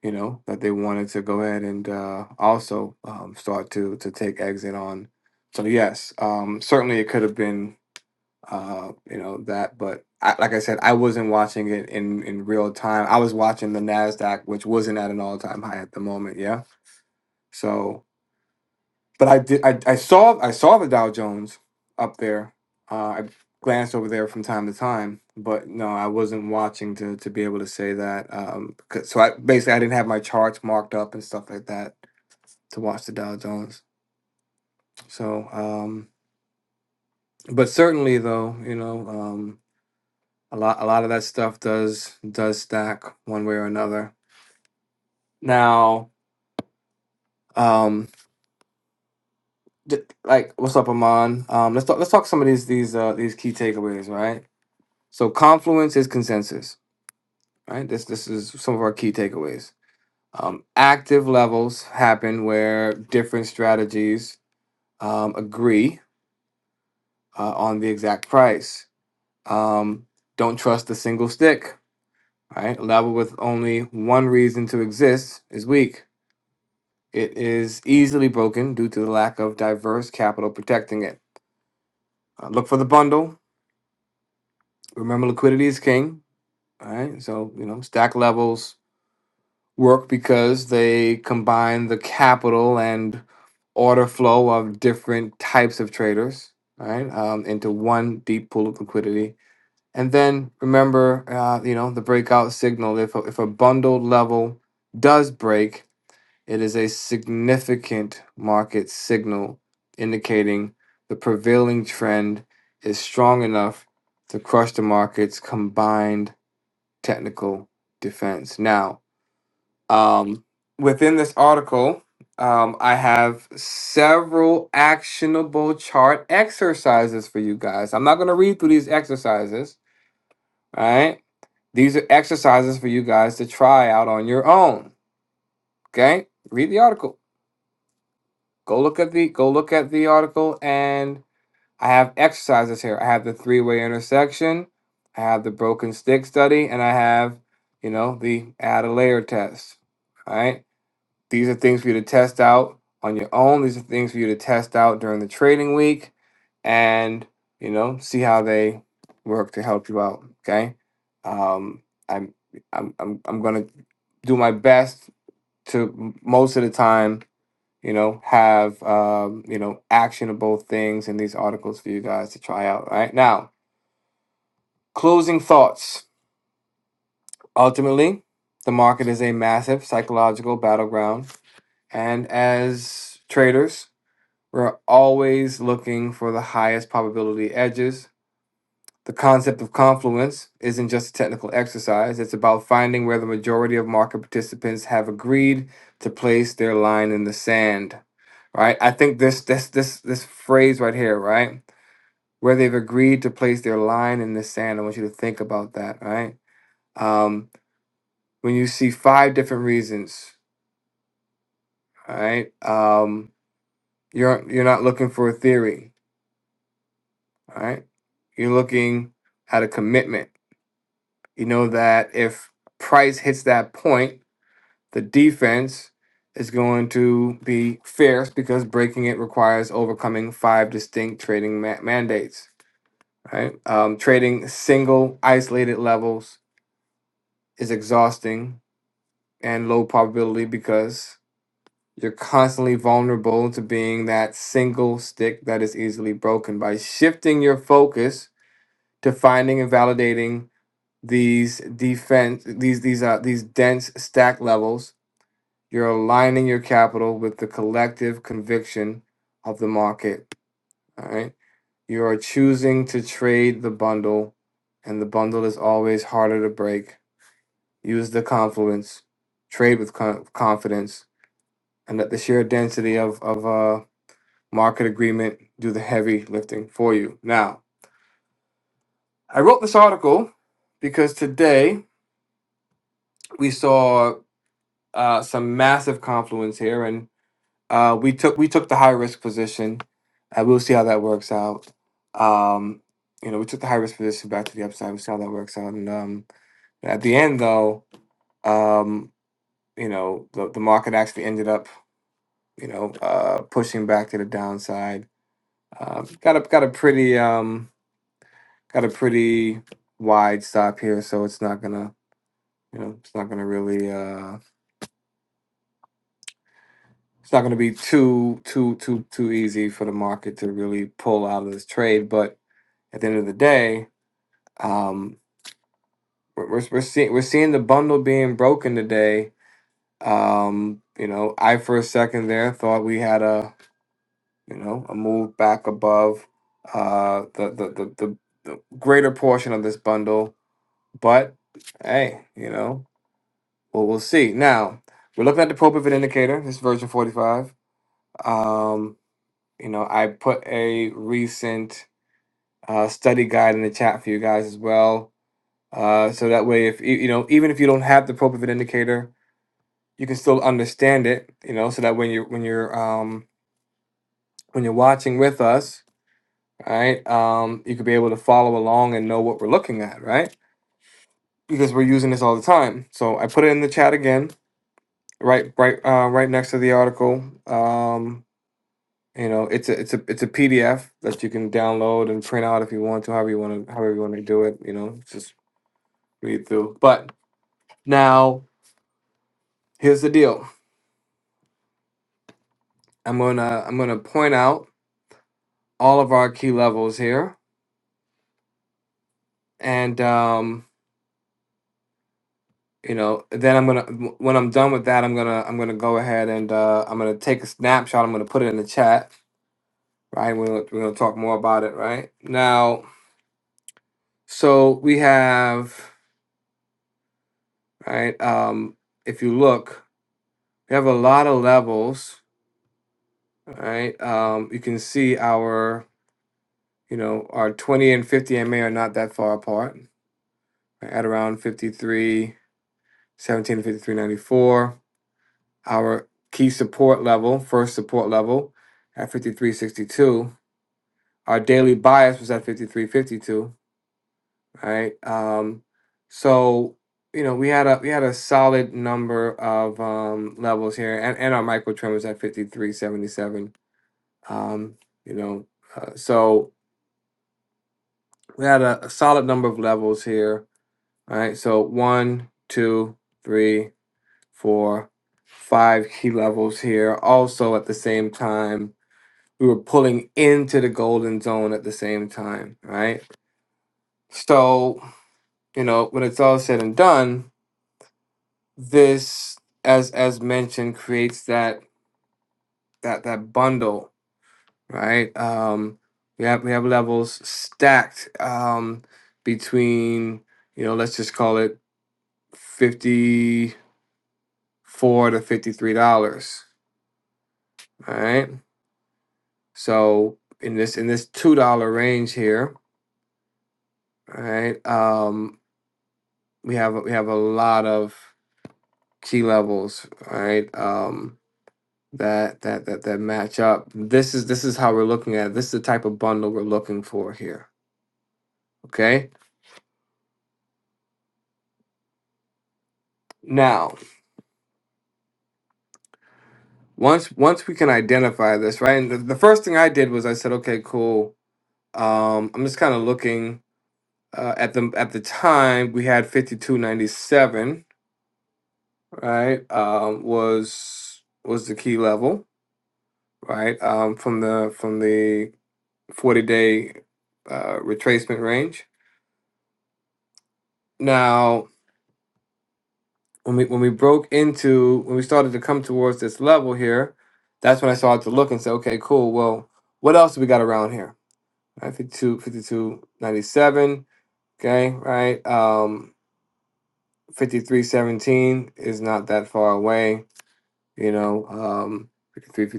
A: you know that they wanted to go ahead and uh, also um, start to to take exit on. So yes, um, certainly it could have been uh, you know that. But I, like I said, I wasn't watching it in in real time. I was watching the Nasdaq, which wasn't at an all time high at the moment. Yeah. So, but I did. I, I saw I saw the Dow Jones up there. Uh, I glanced over there from time to time, but no, I wasn't watching to to be able to say that. Um, 'cause- so I basically I didn't have my charts marked up and stuff like that to watch the Dow Jones. So, um, but certainly though, you know. Um, a lot a lot of that stuff does does stack one way or another now um d- like what's up Amon um let's talk let's talk some of these these uh these key takeaways right so confluence is consensus right this this is some of our key takeaways um active levels happen where different strategies um agree uh, on the exact price um don't trust the single stick right a level with only one reason to exist is weak It is easily broken due to the lack of diverse capital protecting it. Uh, look for the bundle. Remember, liquidity is king. All right. So, you know, stack levels work because they combine the capital and order flow of different types of traders, all right, um, into one deep pool of liquidity. And then remember, uh, you know, the breakout signal. If a, if a bundled level does break, It is a significant market signal indicating the prevailing trend is strong enough to crush the market's combined technical defense. Now, um, within this article, um, I have several actionable chart exercises for you guys. I'm not going to read through these exercises, all right? These are exercises for you guys to try out on your own, okay? Read the article. Go look at the go look at the article and I have exercises here. I have the three-way intersection, I have the broken stick study, and I have, you know, the add a layer test. All right? These are things for you to test out on your own. These are things for you to test out during the trading week and, you know, see how they work to help you out, okay? Um I'm I'm I'm I'm going to do my best to most of the time you know, have um, you know, actionable things in these articles for you guys to try out. Right now, closing thoughts. Ultimately, the market is a massive psychological battleground, and as traders, we're always looking for the highest probability edges. The concept of confluence isn't just a technical exercise. It's about finding where the majority of market participants have agreed to place their line in the sand. Right? I think this this this this phrase right here, right? where they've agreed to place their line in the sand. I want you to think about that, all right? Um, when you see five different reasons, all right, um, you're you're not looking for a theory, all right? You're looking at a commitment. You know that if Price hits that point, the defense is going to be fierce because breaking it requires overcoming five distinct trading ma- mandates, right? Um, trading single isolated levels is exhausting and low probability because you're constantly vulnerable to being that single stick that is easily broken. By shifting your focus to finding and validating these defense these these uh these dense stack levels, you're aligning your capital with the collective conviction of the market. All right. You are choosing to trade the bundle, and the bundle is always harder to break. Use the confluence, trade with con- confidence, and let the sheer density of of uh, market agreement do the heavy lifting for you. Now, I wrote this article because today we saw uh, some massive confluence here, and uh, we took we took the high risk position, and we'll see how that works out. Um, you know, we took the high risk position back to the upside. We'll see how that works out. And um, at the end, though, um, you know, the, the market actually ended up, you know, uh, pushing back to the downside. Uh, got a got a pretty um, Got a pretty wide stop here, so it's not gonna, you know, it's not gonna really, uh, it's not gonna be too, too, too, too easy for the market to really pull out of this trade. But at the end of the day, um, we're we're, we're seeing we're seeing the bundle being broken today. Um, you know, I for a second there thought we had a, you know, a move back above, uh, the the the the, the greater portion of this bundle, but hey, you know. Well, we'll see. Now, we're looking at the pro indicator. This is version 45. Um, you know, I put a recent uh, study guide in the chat for you guys as well. Uh, so that way, if you you know, even if you don't have the pro indicator, you can still understand it. You know, so that when you're when you're um, when you're watching with us, right, um, you could be able to follow along and know what we're looking at, right? Because we're using this all the time. So I put it in the chat again, right, right, uh, right next to the article. Um, You know, it's a it's a it's a PDF that you can download and print out if you want to, however you want to, however you want to do it. You know, just read through. But now here's the deal. I'm gonna I'm gonna point out all of our key levels here, and um, you know, then I'm gonna w- when I'm done with that, I'm gonna I'm gonna go ahead and uh, I'm gonna take a snapshot. I'm gonna put it in the chat. Right, we're gonna, we're gonna talk more about it. Right now, so we have right. Um, if you look, we have a lot of levels All right. Um, you can see our, you know, our 20 and 50 MA are not that far apart right, at around 53, seventeen to 53, ninety-four. Our key support level, first support level at 53.62. Our daily bias was at 53.52, right? Um, so, you know, we had a we had a solid number of um, levels here and, and our micro trend was at 53.77. Um, you know, uh, so we had a, a solid number of levels here. All right, so one, two, three, four, five key levels here. Also, at the same time, we were pulling into the golden zone at the same time. Right, so you know when it's all said and done, this as as mentioned creates that that that bundle. Right, um, we have we have levels stacked um, between you know let's just call it 54 to 53 dollars all right so in this in this two dollar range here all right um we have we have a lot of key levels all right um that that that that match up this is this is how we're looking at it. this is the type of bundle we're looking for here okay now once once we can identify this right and the, the first thing i did was i said okay cool um i'm just kind of looking uh, at the at the time we had 5297 right um, was was the key level right um, from the from the 40 day uh, retracement range now when we when we broke into when we started to come towards this level here that's when I started to look and say okay cool well what else do we got around here right 52 fifty-two ninety-seven. okay right um 5317 is not that far away you know, um, 53,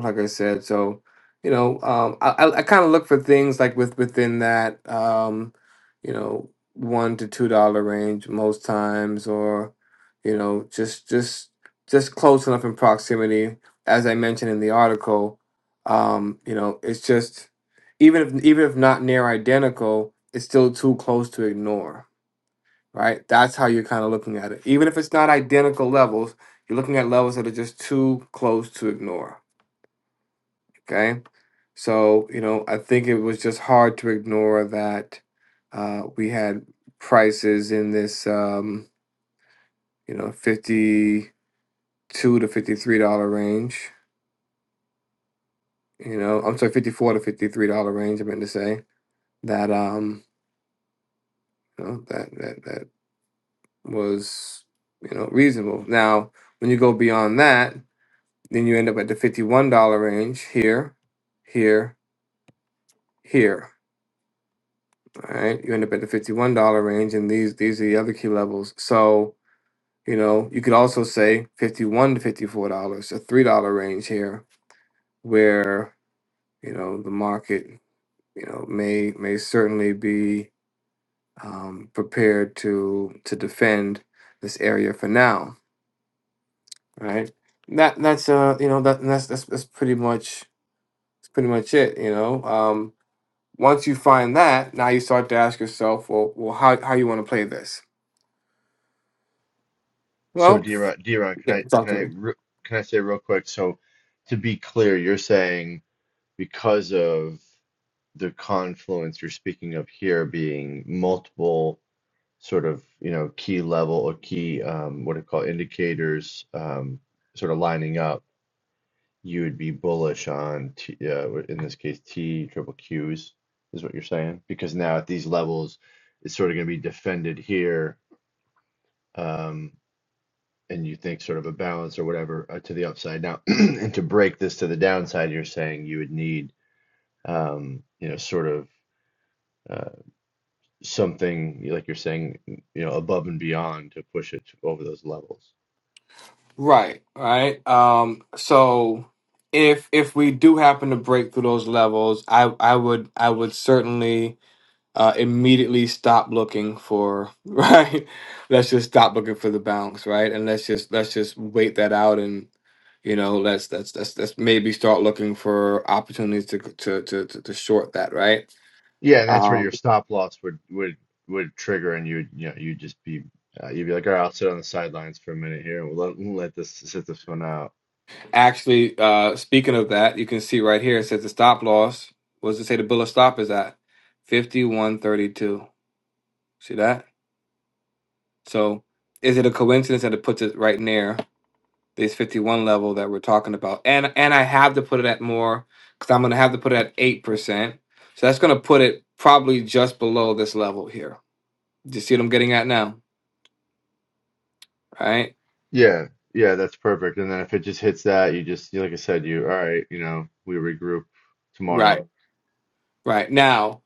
A: like I said. So, you know, um, I, I, I kind of look for things like with within that, um, you know, one to two dollar range most times, or you know, just just just close enough in proximity. As I mentioned in the article, um, you know, it's just even if even if not near identical, it's still too close to ignore right? That's how you're kind of looking at it. Even if it's not identical levels, you're looking at levels that are just too close to ignore, okay? So, you know, I think it was just hard to ignore that uh, we had prices in this, um, you know, 52 to $53 range, you know, I'm sorry, 54 to $53 range, I meant to say, that, um, you know, that, that, that was, you know, reasonable. Now, when you go beyond that, Then you end up at the $51 range here, here, here. All right. You end up at the $51 range, and these these are the other key levels. So, you know, you could also say 51 to $54, a $3 range here, where, you know, the market, you know, may may certainly be um, prepared to to defend this area for now. Right. That that's uh you know that that's that's, that's pretty much that's pretty much it, you know. Um Once you find that, now you start to ask yourself, well, well, how how you want to play this?
C: So,
A: Well,
C: Diron, Diron, can
A: yeah,
C: I
A: talk
C: can
A: to
C: I
A: me.
C: re- can I say real quick? So, to be clear, you're saying because of the confluence you're speaking of here being multiple sort of you know key level or key um, what do you call indicators um, sort of lining up, you would be bullish on t, uh, in this case T triple Qs is what you're saying because now at these levels it's sort of going to be defended here um, and you think sort of a balance or whatever uh, to the upside now and to break this to the downside you're saying you would need um, you know sort of uh, something like you're saying, you know, above and beyond to push it over those levels.
A: Right, right. Um, so if if we do happen to break through those levels, I I would I would certainly uh, immediately stop looking for right. let's just stop looking for the bounce, right? And let's just let's just wait that out and you know let's let's let's, let's maybe start looking for opportunities to to to to, to short that, right?
C: Yeah, and that's where
A: Um,
C: your stop loss would would would trigger, and you'd you know you'd just be uh, you'd be like, all right, I'll sit on the sidelines for a minute here, and we'll let, we'll let this sit this one out.
A: Actually, uh, speaking of that, you can see right here it says the stop loss was to say the bill of stop is at fifty one thirty two. See that? So is it a coincidence that it puts it right near this fifty one level that we're talking about? And and I have to put it at more because I'm gonna have to put it at eight percent. So that's gonna put it probably just below this level here. Do you see what I'm getting at now? Right?
C: Yeah, yeah, that's perfect. And then if it just hits that, you just you- like I said, you all right, you know, we regroup tomorrow.
A: Right. Right. Now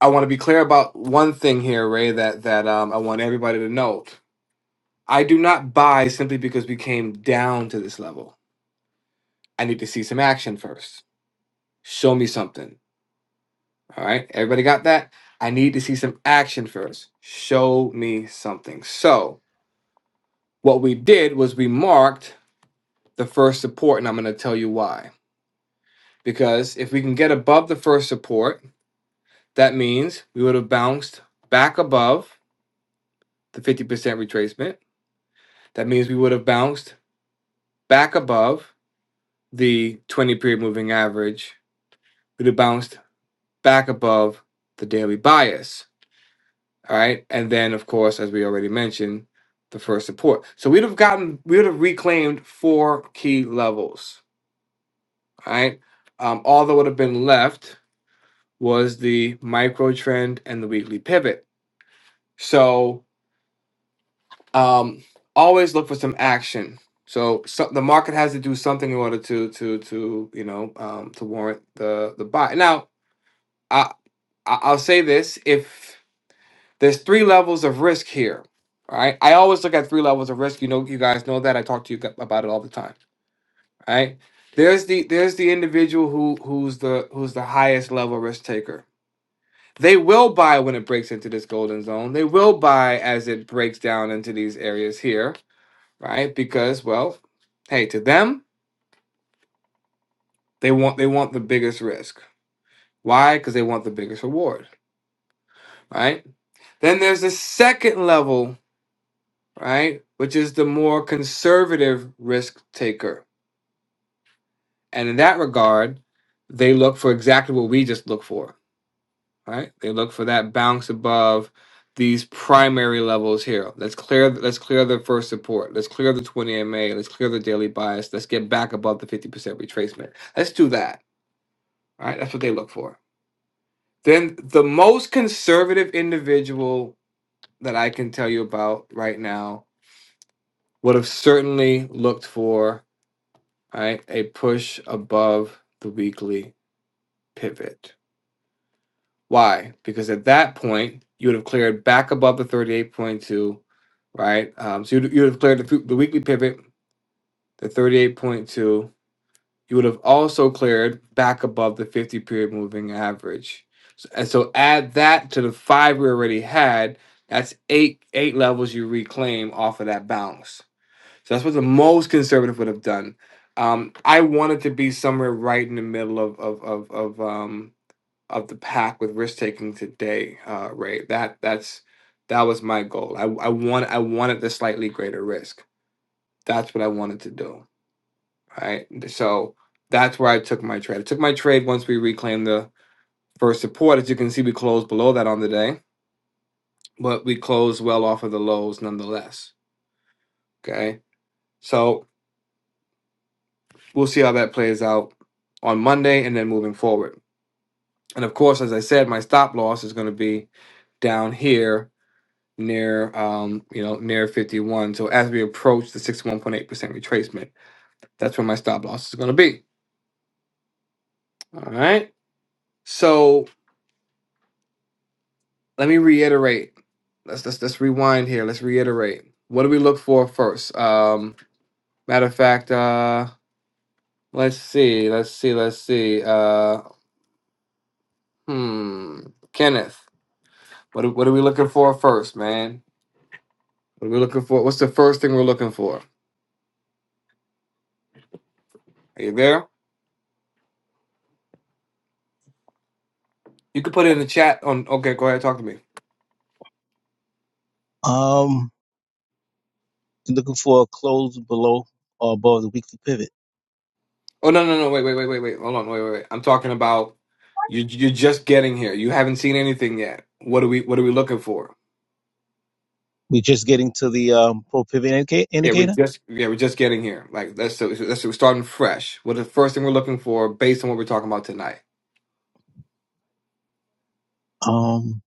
A: I want to be clear about one thing here, Ray, that that um I want everybody to know. I do not buy simply because we came down to this level. I need to see some action first. Show me something. All right. Everybody got that? I need to see some action first. Show me something. So, what we did was we marked the first support, and I'm going to tell you why. Because if we can get above the first support, that means we would have bounced back above the 50% retracement. That means we would have bounced back above the 20 period moving average. We'd have bounced back above the daily bias. All right. And then, of course, as we already mentioned, the first support. So we'd have gotten, we would have reclaimed four key levels. All right. Um, all that would have been left was the micro trend and the weekly pivot. So um, always look for some action. So, so the market has to do something in order to to to you know um, to warrant the the buy. Now I I- I'll say this if There's three levels of risk here. All right. I always look at three levels of risk. You know, you guys know that. I talk to you gu- about it all the time. All right. There's the there's the individual who who's the who's the highest level risk taker. They will buy when it breaks into this golden zone. They will buy as it breaks down into these areas here, right? Because well, hey, to them, they want they want the biggest risk. Why? Because they want the biggest reward, right? Then there's the second level right? Which is the more conservative risk taker. And in that regard, they look for exactly what we just look for, right? They look for that bounce above these primary levels here. Let's clear let's clear the first support. Let's clear the 20 MA. Let's clear the daily bias. Let's get back above the 50% retracement. Let's do that. Right? That's what they look for. Then the most conservative individual that I can tell you about right now would have certainly looked for all right, a push above the weekly pivot. Why? Because at that point, you would have cleared back above the 38.2, right? Um, so you'd, have cleared the, the weekly pivot, the 38.2. You would have also cleared back above the 50 period moving average. So, and so add that to the five we already had. That's eight eight levels you reclaim off of that bounce. So that's what the most conservative would have done. Um, I wanted to be somewhere right in the middle of of of of um of the pack with risk taking today, uh, Ray. That that's that was my goal. I I want I wanted the slightly greater risk. That's what I wanted to do. Right. So that's where I took my trade. I took my trade once we reclaimed the first support. As you can see, we closed below that on the day, but we closed well off of the lows nonetheless. Okay. So We'll see how that plays out on Monday and then moving forward. And of course, as I said, my stop loss is going to be down here near um you know near 51 so as we approach the 61.8% retracement that's where my stop loss is going to be all right so let me reiterate let's let's let's rewind here let's reiterate what do we look for first um matter of fact uh let's see let's see let's see uh hmm kenneth What are- what are we looking for first, man? What are we looking for? What's the first thing we're looking for? Are you there? You can put it in the chat. On okay, go ahead, talk to me.
G: Um, looking for a close below or above the weekly pivot.
A: Oh no no no wait wait wait wait wait hold on wait wait wait. I'm talking about you. You're just getting here. You haven't seen anything yet. What are we What are we looking for?
G: We're just getting to the um, pro pivot indica-
A: Yeah, we're
G: indicator.
A: just yeah we're just getting here. Like that's so so, that's so we're starting fresh. What the first thing we're looking for based on what we're talking about tonight?
G: Um,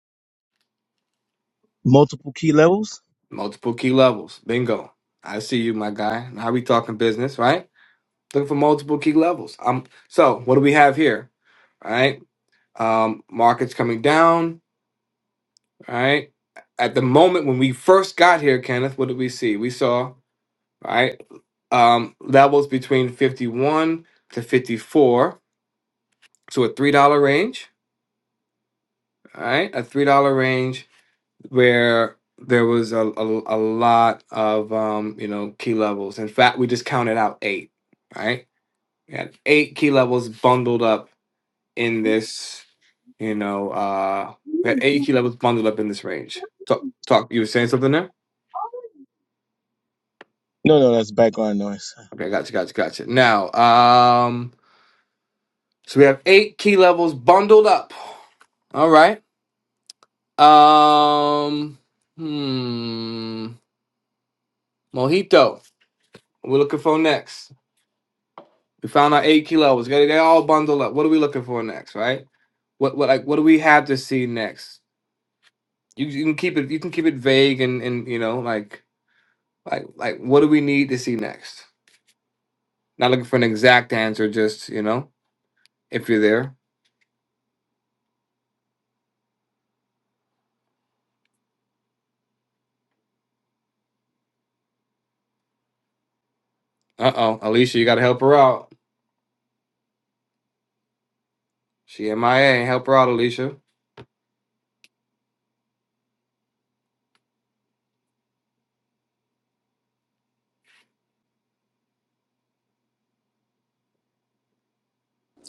G: multiple key levels.
A: Multiple key levels. Bingo. I see you, my guy. Now we talking business, right? Looking for multiple key levels. Um, so what do we have here? All right. Um, markets coming down. All right. At the moment when we first got here, Kenneth, what did we see? We saw all right um, levels between fifty-one to fifty-four, so a three-dollar range. All right, a three-dollar range where there was a, a, a lot of um, you know key levels. In fact, we just counted out eight. All Right, we had eight key levels bundled up in this, you know, uh we had eight key levels bundled up in this range. Talk talk you were saying something there?
G: No, no, that's background noise.
A: Okay, gotcha, gotcha, gotcha. Now, um so we have eight key levels bundled up. All right. Um hmm Mojito. What we looking for next? We found our eight key levels. They they all bundled up. What are we looking for next, right? What what like what do we have to see next? You you can keep it you can keep it vague and and you know like like like what do we need to see next? Not looking for an exact answer, just, you know, if you're there. Uh oh, Alicia, you got to help her out. She MIA, help her out, Alicia.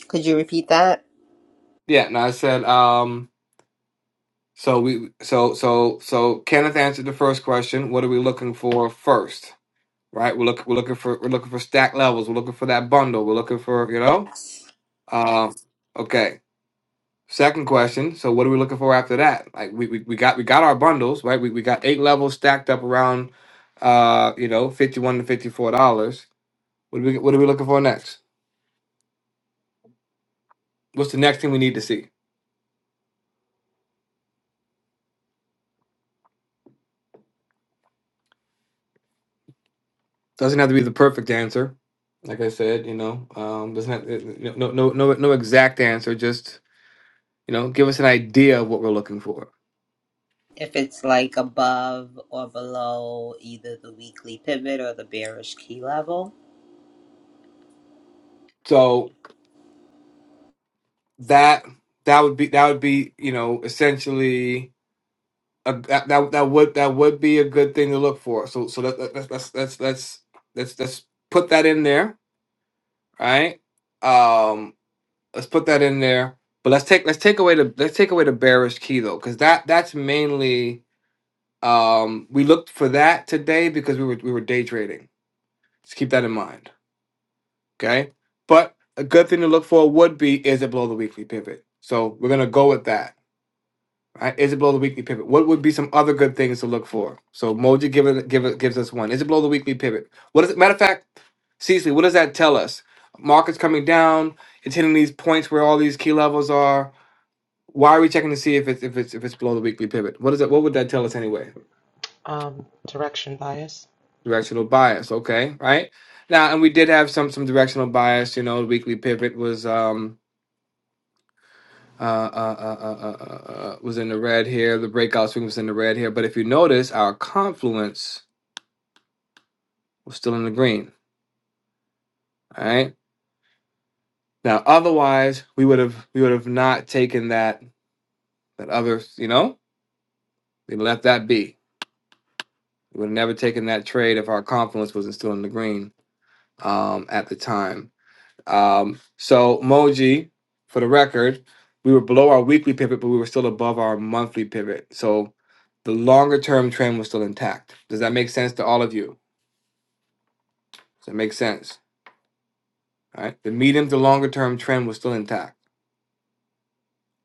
D: Could you repeat that?
A: Yeah, no, I said, um, so we, so, so, so Kenneth answered the first question. What are we looking for first? Right? We're looking, we're looking for, we're looking for stack levels. We're looking for that bundle. We're looking for, you know,
D: Yes.
A: uh, okay. Second question. So what are we looking for after that? Like we, we, we got, we got our bundles, right? We, we got eight levels stacked up around, uh, you know, 51 to $54. What are we What are we looking for next? What's the next thing we need to see? Doesn't have to be the perfect answer. Like I said, you know, um, doesn't have, uh, no no no no no exact answer. Just you know, give us an idea of what we're looking for.
D: If it's like above or below either the weekly pivot or the bearish key level.
A: So that that would be that would be you know essentially a, that that that would that would be a good thing to look for. So so that, that that's that's that's that's that's us put that in there, right? Um, let's put that in there. But let's take let's take away the let's take away the bearish key though, because that that's mainly um we looked for that today because we were we were day trading. Just keep that in mind. Okay. But a good thing to look for would be is it below the weekly pivot? So we're gonna go with that. Right? Is it below the weekly pivot? What would be some other good things to look for? So Moji give it, give it, gives us one. Is it below the weekly pivot? What is it? Matter of fact, Cecily, what does that tell us? Market's coming down. It's hitting these points where all these key levels are Why are we checking to see if it's if it's if it's below the weekly pivot? What is it? What would that tell us anyway?
B: Um, direction bias.
A: Directional bias. Okay, right now, and we did have some some directional bias. You know, the weekly pivot was um uh uh uh uh, uh, uh uh, uh, was in the red here. The breakout swing was in the red here. But if you notice, our confluence was still in the green. All right. Now, otherwise, we would have we would have not taken that that other. You know, we left that be. We would have never taken that trade if our confluence wasn't still in the green um, at the time. Um, so Moji, for the record, we were below our weekly pivot, but we were still above our monthly pivot. So the longer term trend was still intact. Does that make sense to all of you? Does that make sense? All right. The medium to longer term trend was still intact.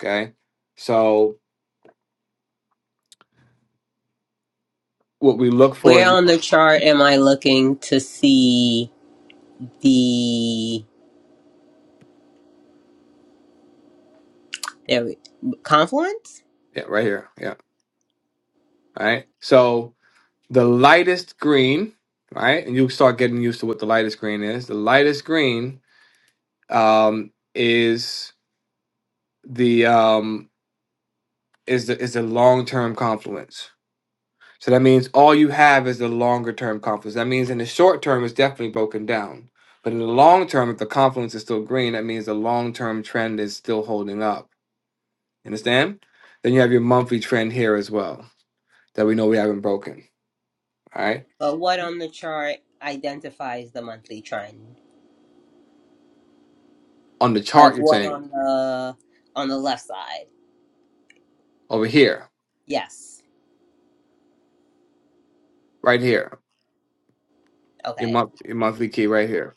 A: Okay. So what we look for,
D: Where on
A: yeah,
D: the chart am I looking to see the there we, confluence?
A: right here. Yeah. All right. So the lightest green, right? And you start getting used to what the lightest green is. The lightest green um, is the um, is the is the long term confluence. So that means all you have is the longer term confluence. That means in the short term it's definitely broken down. But in the long term, if the confluence is still green, that means the long term trend is still holding up. Understand? Then you have your monthly trend here as well that we know we haven't broken. All right.
D: But what on the chart identifies the monthly trend?
A: On the
D: Like
A: chart, you're
D: what
A: saying
D: on the on the left side?
A: over here,
D: Yes.
A: right here, your
D: Okay.
A: month your monthly key right here.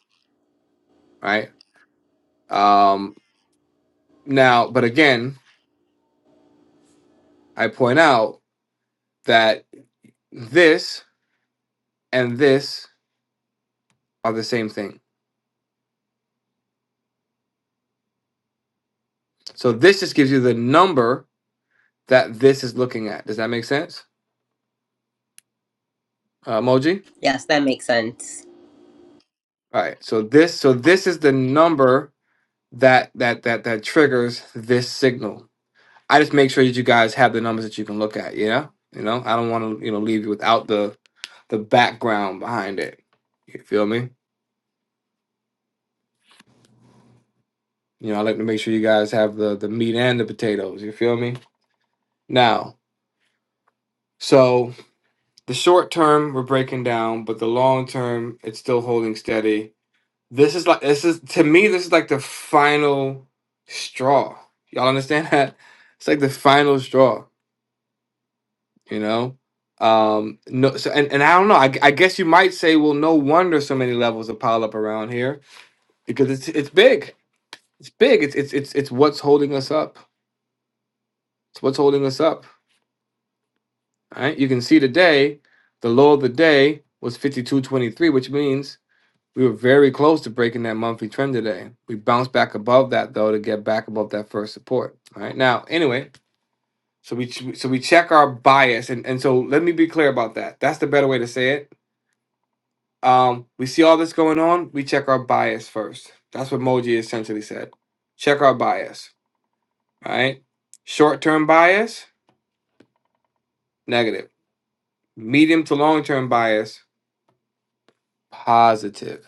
A: Right. Um now, but again, I point out that this and this are the same thing. So this just gives you the number that this is looking at. Does that make sense, uh, emoji?
D: Yes, that makes sense.
A: All right. So this so this is the number that that that that triggers this signal. I just make sure that you guys have the numbers that you can look at. Yeah. You know, I don't want to you know leave you without the the background behind it. You feel me? You know, I like to make sure you guys have the the meat and the potatoes. You feel me? Now, so the short term we're breaking down, but the long term it's still holding steady This is like this is to me this is like the final straw. Y'all understand that? It's like the final straw, you know? Um no so and, and I don't know. I, I guess you might say, well, no wonder so many levels are piled up around here because it's it's big. It's big. It's it's it's it's what's holding us up. It's what's holding us up. All right? You can see today the low of the day was 5223, which means We were very close to breaking that monthly trend today. We bounced back above that though to get back above that first support. All right. Now, anyway, so we so we check our bias and and so let me be clear about that. That's the better way to say it. Um, we see all this going on. We check our bias first. That's what Moji essentially said. Check our bias. All right. Short term bias negative. Medium to long term bias positive.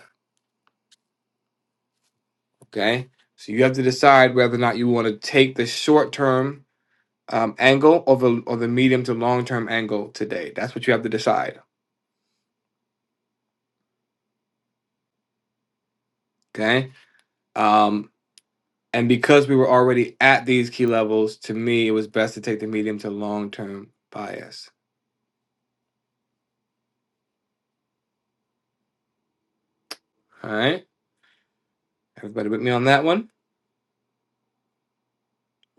A: Okay. So you have to decide whether or not you want to take the short term um, angle or the or the medium to long term angle today. That's what you have to decide. Okay. Um, and because we were already at these key levels, to me, it was best to take the medium to long term bias. All right. Everybody with me on that one.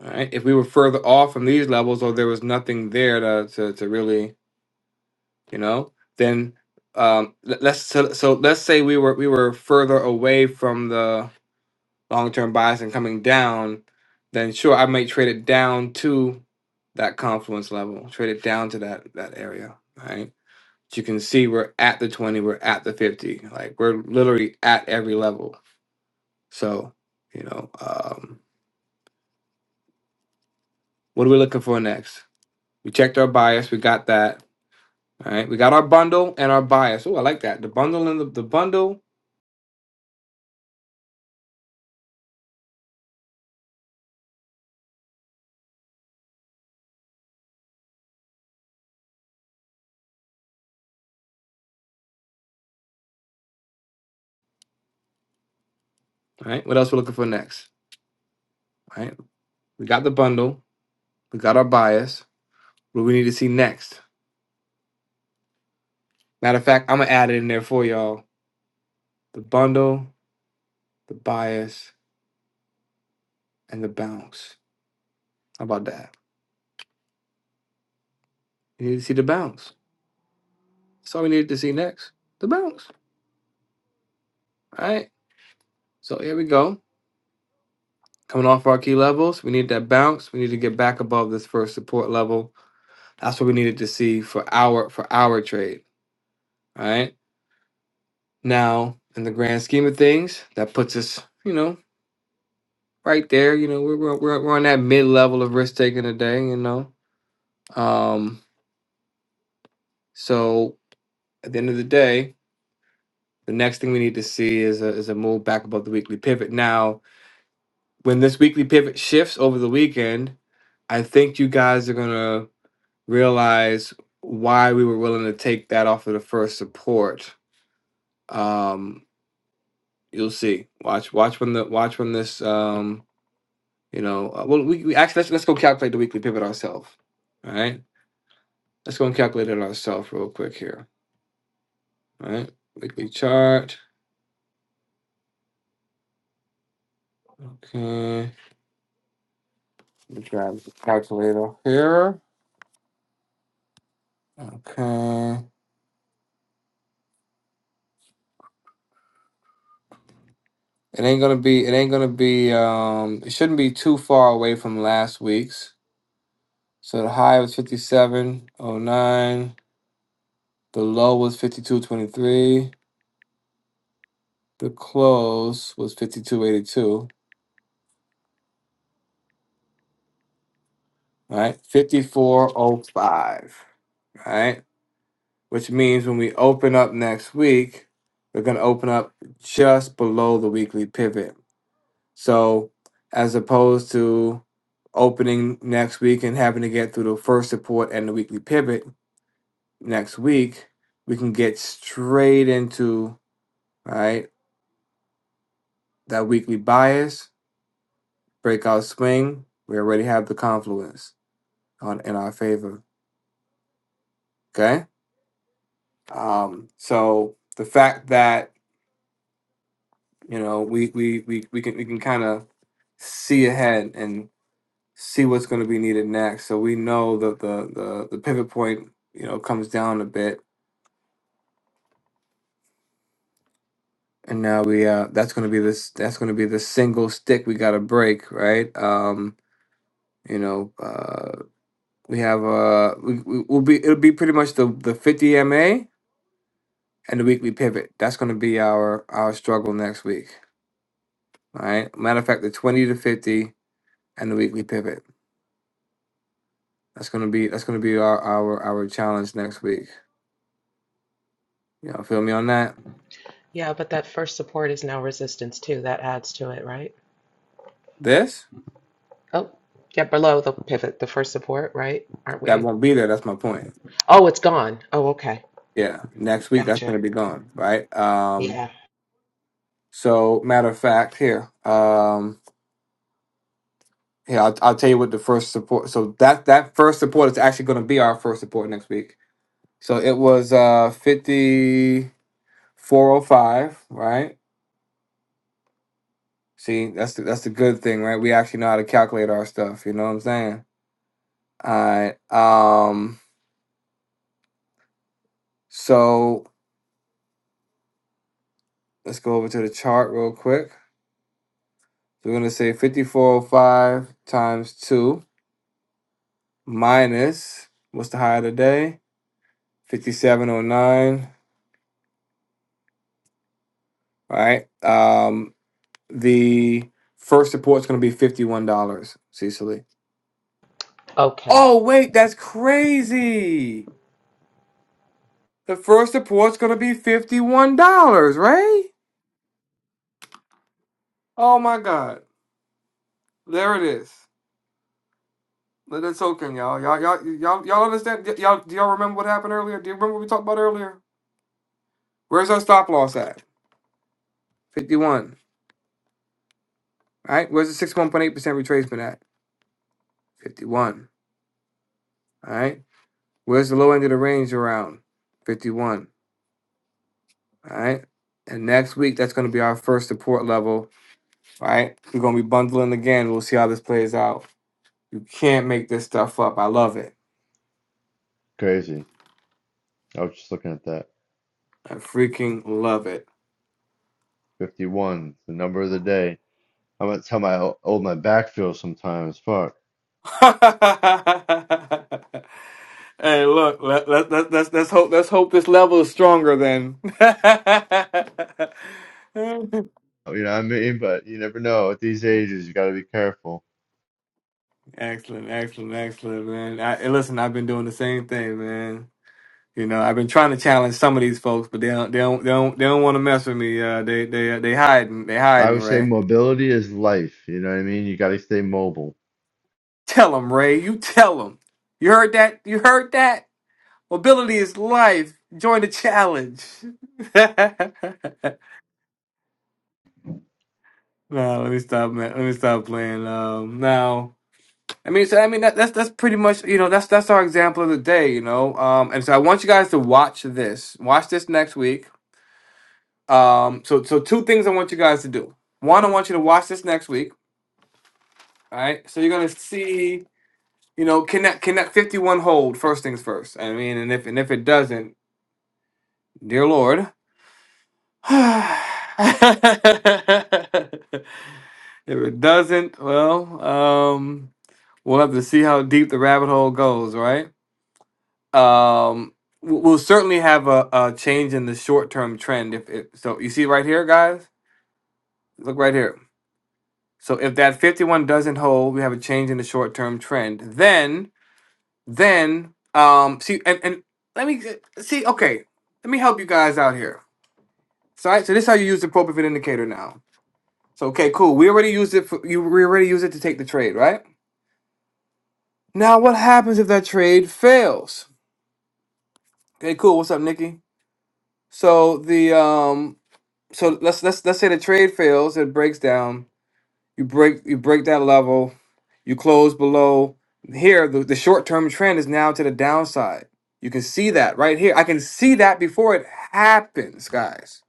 A: All right. If we were further off from these levels, or there was nothing there to to, to really, you know, then um, let- let's so, so let's say we were we were further away from the long term bias and coming down, then sure I might trade it down to that confluence level, trade it down to that that area, right? But you can see we're at the twenty, we're at the fifty, like we're literally at every level. So you know, um, what are we looking for next? We checked our bias, we got that. All right, we got our bundle and our bias. Oh, I like that. The bundle and the, the bundle. All right, what else we're looking for next? All right, we got the bundle, we got our bias. What do we need to see next? Matter of fact, I'm gonna add it in there for y'all. The bundle, the bias, and the bounce. How about that? You need to see the bounce. That's all we needed to see next. The bounce. All right. So here we go. Coming off our key levels, we need that bounce. We need to get back above this first support level. That's what we needed to see for our for our trade. All right. Now, in the grand scheme of things, that puts us, you know, right there. You know, we're we're, we're on that mid level of risk taking today. You know, um, so at the end of the day, the next thing we need to see is a, is a move back above the weekly pivot. Now, when this weekly pivot shifts over the weekend, I think you guys are going to realize why we were willing to take that off of the first support. Um, you'll see. Watch, watch when the watch when this. Um, you know, uh, well, we, we actually let's let's go calculate the weekly pivot ourselves. All right, let's go and calculate it ourselves real quick here. All right, weekly chart. Okay, let me grab the calculator here. Okay. It ain't gonna be it ain't gonna be um it shouldn't be too far away from last week's. So the high was 57.09, the low was 52.23, the close was 52.82, right? 54.05, right? Which means when we open up next week, we're gonna open up just below the weekly pivot. So as opposed to opening next week and having to get through the first report and the weekly pivot next week, we can get straight into all right that weekly bias, breakout swing. We already have the confluence on in our favor. Okay. Um, so the fact that, you know, we we we, we can we can kind of see ahead and. see what's going to be needed next. So we know that the the the pivot point, you know, comes down a bit, and now we uh that's going to be this that's going to be the single stick we got to break, right? Um, you know, uh, we have uh we, we will be it'll be pretty much the the fifty ma and the weekly pivot. That's going to be our our struggle next week. All right. Matter of fact, the twenty to fifty and the weekly pivot. That's gonna be that's gonna be our our our challenge next week. Y'all feel me on that?
B: Yeah, but that first support is now resistance too. That adds to it, right?
A: This?
B: Oh, yeah, below the pivot, the first support, right? Aren't
A: that
B: we?
A: won't be there. That's my point.
B: Oh, it's gone. Oh, okay.
A: Yeah, next week that's
B: Gotcha.
A: going to be gone, right? Um,
B: Yeah.
A: so matter of fact, here, um, here I'll, I'll tell you what the first support. So that that first support is actually going to be our first support next week. So it was uh fifty four oh five, right? See, that's the, that's the good thing, right? We actually know how to calculate our stuff. You know what I'm saying? All right. Um, so let's go over to the chart real quick. So we're going to say fifty four oh five times two minus what's the high of the day? 5709. right? Um the first support's gonna be $51, Cecily.
B: Okay.
A: Oh wait, that's crazy. The first support's gonna be $51, right? Oh my god. There it is. Let that soak in, y'all. Y'all y'all y'all y'all understand? Y- y'all do y'all remember what happened earlier? Do you remember what we talked about earlier? Where's our stop loss at? 51. All right. Where's the 61.8% retracement at? 51. All right. Where's the low end of the range around? 51. All right. And next week, that's going to be our first support level. All right. We're going to be bundling again. We'll see how this plays out. You can't make this stuff up. I love it.
C: Crazy. I was just looking at that.
A: I freaking love it.
C: 51, the number of the day. I'm gonna tell my how old my back feels sometimes. Fuck.
A: hey, look. Let, let, let, let's, let's hope. Let's hope this level is stronger then.
C: You know what I mean? But you never know at these ages. You got to be careful.
A: excellent, excellent, excellent, man. I, and listen, I've been doing the same thing, man. You know, I've been trying to challenge some of these folks, but they don't, they don't, they don't, they don't want to mess with me. Uh, they, they, uh, they hiding, they
C: I
A: hiding.
C: would say
A: Ray,
C: mobility is life. You know what I mean? You got to stay mobile.
A: tell them, Ray, you tell them. You heard that? You heard that? Mobility is life. Join the challenge. no, let me stop, man. Let me stop playing. Um, now, I mean, so I mean, that, that's that's pretty much, you know, that's that's our example of the day, you know. Um, and so I want you guys to watch this. Watch this next week. Um, so so two things I want you guys to do. One, I want you to watch this next week. All right, so you're gonna see, you know, can that can that 51 hold? First things first. I mean, and if and if it doesn't, dear Lord, if it doesn't, well, um, we'll have to see how deep the rabbit hole goes, right? Um, w- we'll certainly have a, a change in the short term trend. If it, so, you see right here, guys, look right here. So if that 51 doesn't hold, we have a change in the short term trend. Then Then, um, see, and, and let me see. Okay, let me help you guys out here. So, I, so this is how you use the appropriate indicator now. So, okay, cool. We already used it. For, you we already used it to take the trade, right? Now, what happens if that trade fails? Okay, cool. What's up, Nikki? So the um, so let's let's let's say the trade fails. It breaks down. you break you break that level you close below here the, the short-term trend is now to the downside you can see that right here i can see that before it happens guys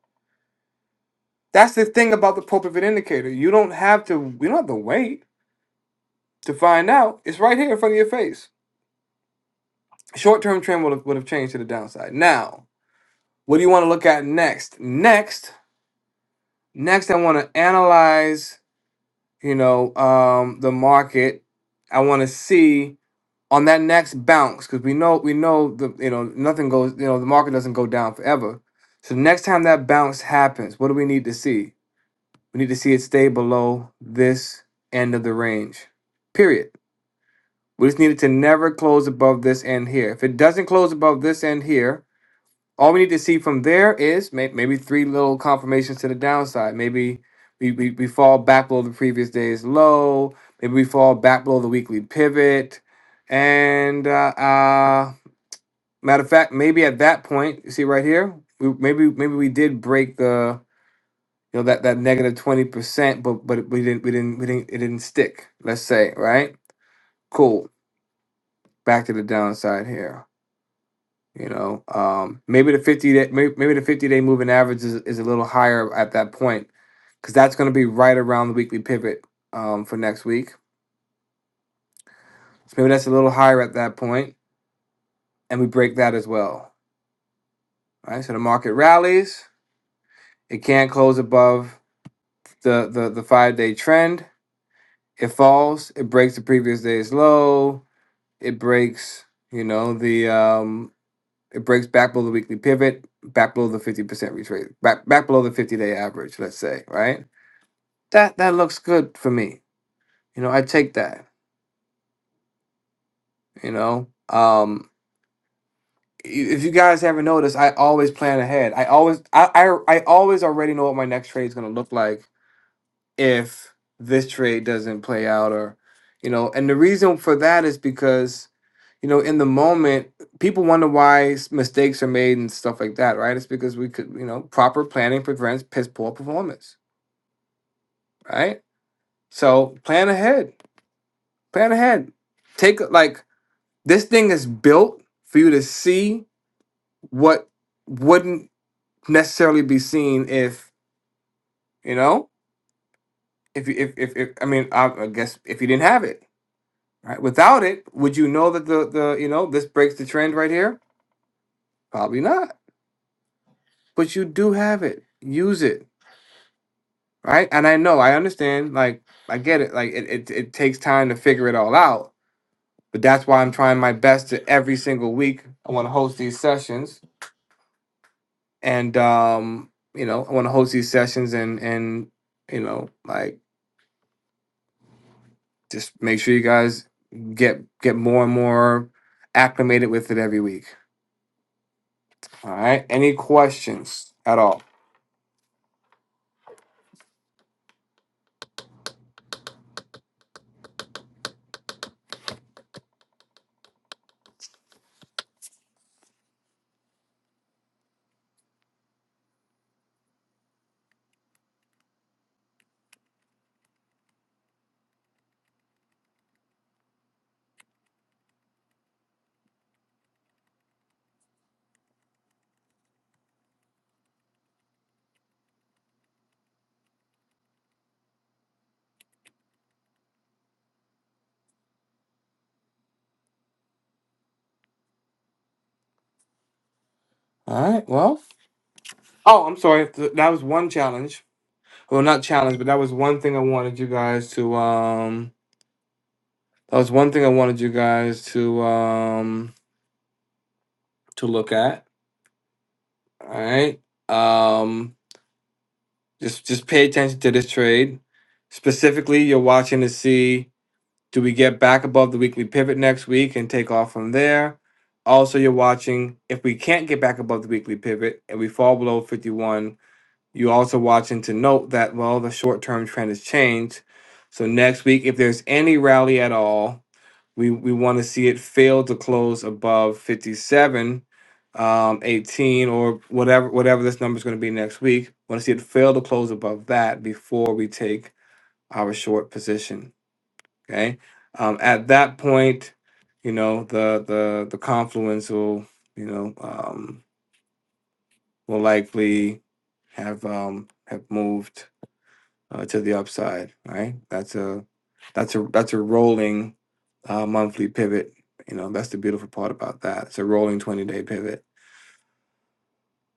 A: that's the thing about the pulpit indicator you don't have to you don't have to wait to find out it's right here in front of your face short-term trend would have, would have changed to the downside now what do you want to look at next next next i want to analyze you know um the market i want to see on that next bounce because we know we know the you know nothing goes you know the market doesn't go down forever. So next time that bounce happens, what do we need to see? We need to see it stay below this end of the range. Period. We just need it to never close above this end here. If it doesn't close above this end here, all we need to see from there is may- maybe three little confirmations to the downside. Maybe we, we, we fall back below the previous day's low. Maybe we fall back below the weekly pivot. And uh, uh, Matter of fact, maybe at that point, you see right here, we maybe maybe we did break the you know that that negative twenty percent, but but we didn't we didn't we didn't it didn't stick. Let's say right, cool. Back to the downside here. You know, um, maybe the fifty day maybe, maybe the fifty day moving average is, is a little higher at that point because that's going to be right around the weekly pivot um, for next week. So maybe that's a little higher at that point, and we break that as well. Right, so the market rallies. It can't close above the the the five day trend. It falls. It breaks the previous day's low. It breaks, you know, the um, it breaks back below the weekly pivot, back below the fifty percent retrace, back back below the fifty day average. Let's say, right? That that looks good for me. You know, I take that. You know, um, if you guys haven't noticed, I always plan ahead. I always, I, I, I always already know what my next trade is going to look like if this trade doesn't play out or you know and the reason for that is because you know in the moment people wonder why s- mistakes are made and stuff like that right it's because we could you know proper planning prevents piss poor performance right so plan ahead plan ahead take a- like this thing is built for you to see what wouldn't necessarily be seen if you know if you if if, if i mean I, I guess if you didn't have it Right? Without it, would you know that the the you know this breaks the trend right here? Probably not. But you do have it. Use it. Right? And I know, I understand, like I get it. Like it, it, it takes time to figure it all out. But that's why I'm trying my best to every single week. I want to host these sessions. And um, you know, I want to host these sessions and and you know, like just make sure you guys get get more and more acclimated with it every week. All right. Any questions at all? All right. Well. Oh, I'm sorry. Th- That was one challenge. Well, not challenge, but that was one thing I wanted you guys to. Um, that was one thing I wanted you guys to um to look at. All right. Um, just just pay attention to this trade. Specifically, you're watching to see do we get back above the weekly pivot next week and take off from there. Also, you're watching if we can't get back above the weekly pivot and we fall below 51. You're also watching to note that, well, the short term trend has changed. So next week, if there's any rally at all, we, we want to see it fail to close above 57, um, 18, or whatever whatever this number is going to be next week. want to see it fail to close above that before we take our short position. Okay. Um, at that point, you know the the the confluence will you know um, will likely have um, have moved uh, to the upside, right? That's a that's a that's a rolling uh, monthly pivot. You know, that's the beautiful part about that. It's a rolling 20 day pivot.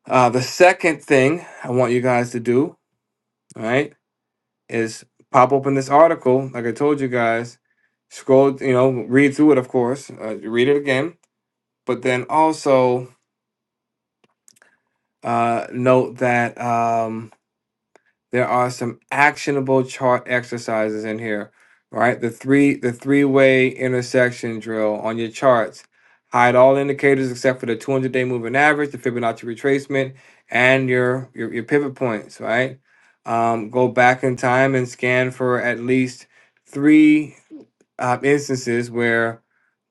A: Uh, the second thing I want you guys to do, all right, is pop open this article. Like I told you guys, scroll, you know, read through it, of course, uh, read it again, but then also uh, note that. Um, there are some actionable chart exercises in here right the three the three-way intersection drill on your charts hide all indicators except for the 200 day moving average the fibonacci retracement and your your, your pivot points right um, go back in time and scan for at least three um, instances where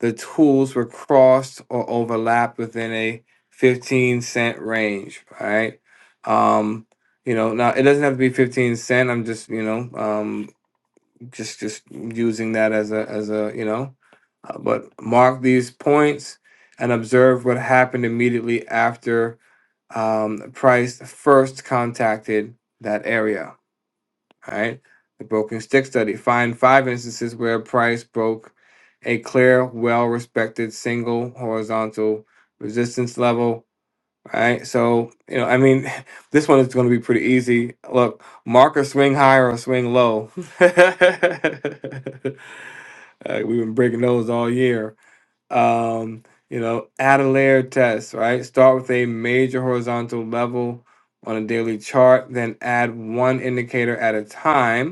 A: the tools were crossed or overlapped within a 15 cent range, right? Um, you know, now it doesn't have to be 15 cent. I'm just, you know, um, just just using that as a as a, you know, uh, but mark these points and observe what happened immediately after um, price first contacted that area. All right. The broken stick study. Find five instances where Price broke a clear, well respected single horizontal resistance level. All right. So, you know, I mean, this one is going to be pretty easy. Look, mark a swing high or swing low. Uh, we've been breaking those all year. Um, you know, add a layer test, right? Start with a major horizontal level on a daily chart, then add one indicator at a time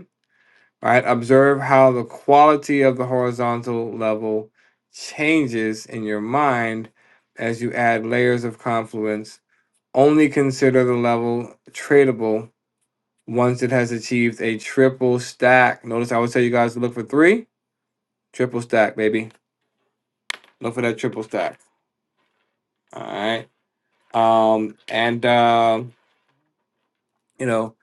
A: all right? Observe how the quality of the horizontal level changes in your mind as you add layers of confluence. Only consider the level tradable once it has achieved a triple stack. Notice I would tell you guys to look for three triple stack, baby. Look for that triple stack. All right. Um, and um, you know,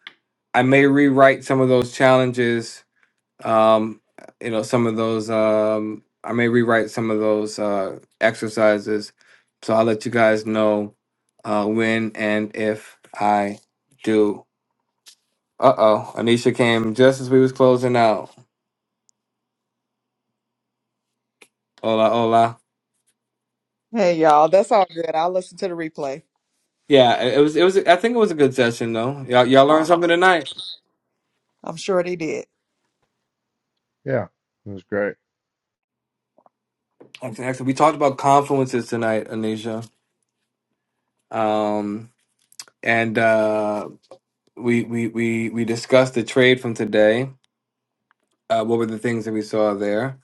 A: I may rewrite some of those challenges um you know some of those um i may rewrite some of those uh exercises so i'll let you guys know uh when and if i do uh-oh anisha came just as we was closing out hola hola
H: Hey y'all, that's all good. I'll listen to the replay.
A: yeah it it was it was i think it was a good session though y'all, y'all learned
H: Uh,
A: something tonight
H: I'm sure they did.
C: Yeah, it was great.
A: Okay, actually we talked about confluences tonight anisha um and uh we we we we discussed the trade from today uh what were the things that we saw there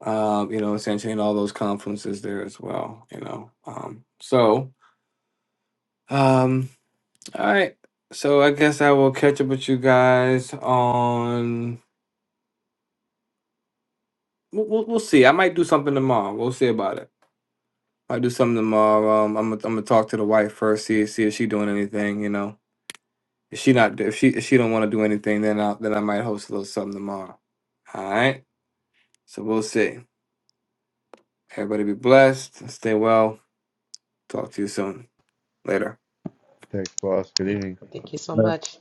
A: um, you know, essentially in all those conferences there as well, you know. Um, so, um, all right. So I guess I will catch up with you guys on. We'll, we'll, we'll see. I might do something tomorrow. We'll see about it. I do something tomorrow. Um, I'm gonna, I'm gonna talk to the wife first. See see if she doing anything. You know, if she not if she if she don't want to do anything, then I then I might host a little something tomorrow. All right. So we'll see. Everybody be blessed. Stay well. Talk to you soon. Later.
C: Thanks, boss. Good evening.
B: Thank you so much.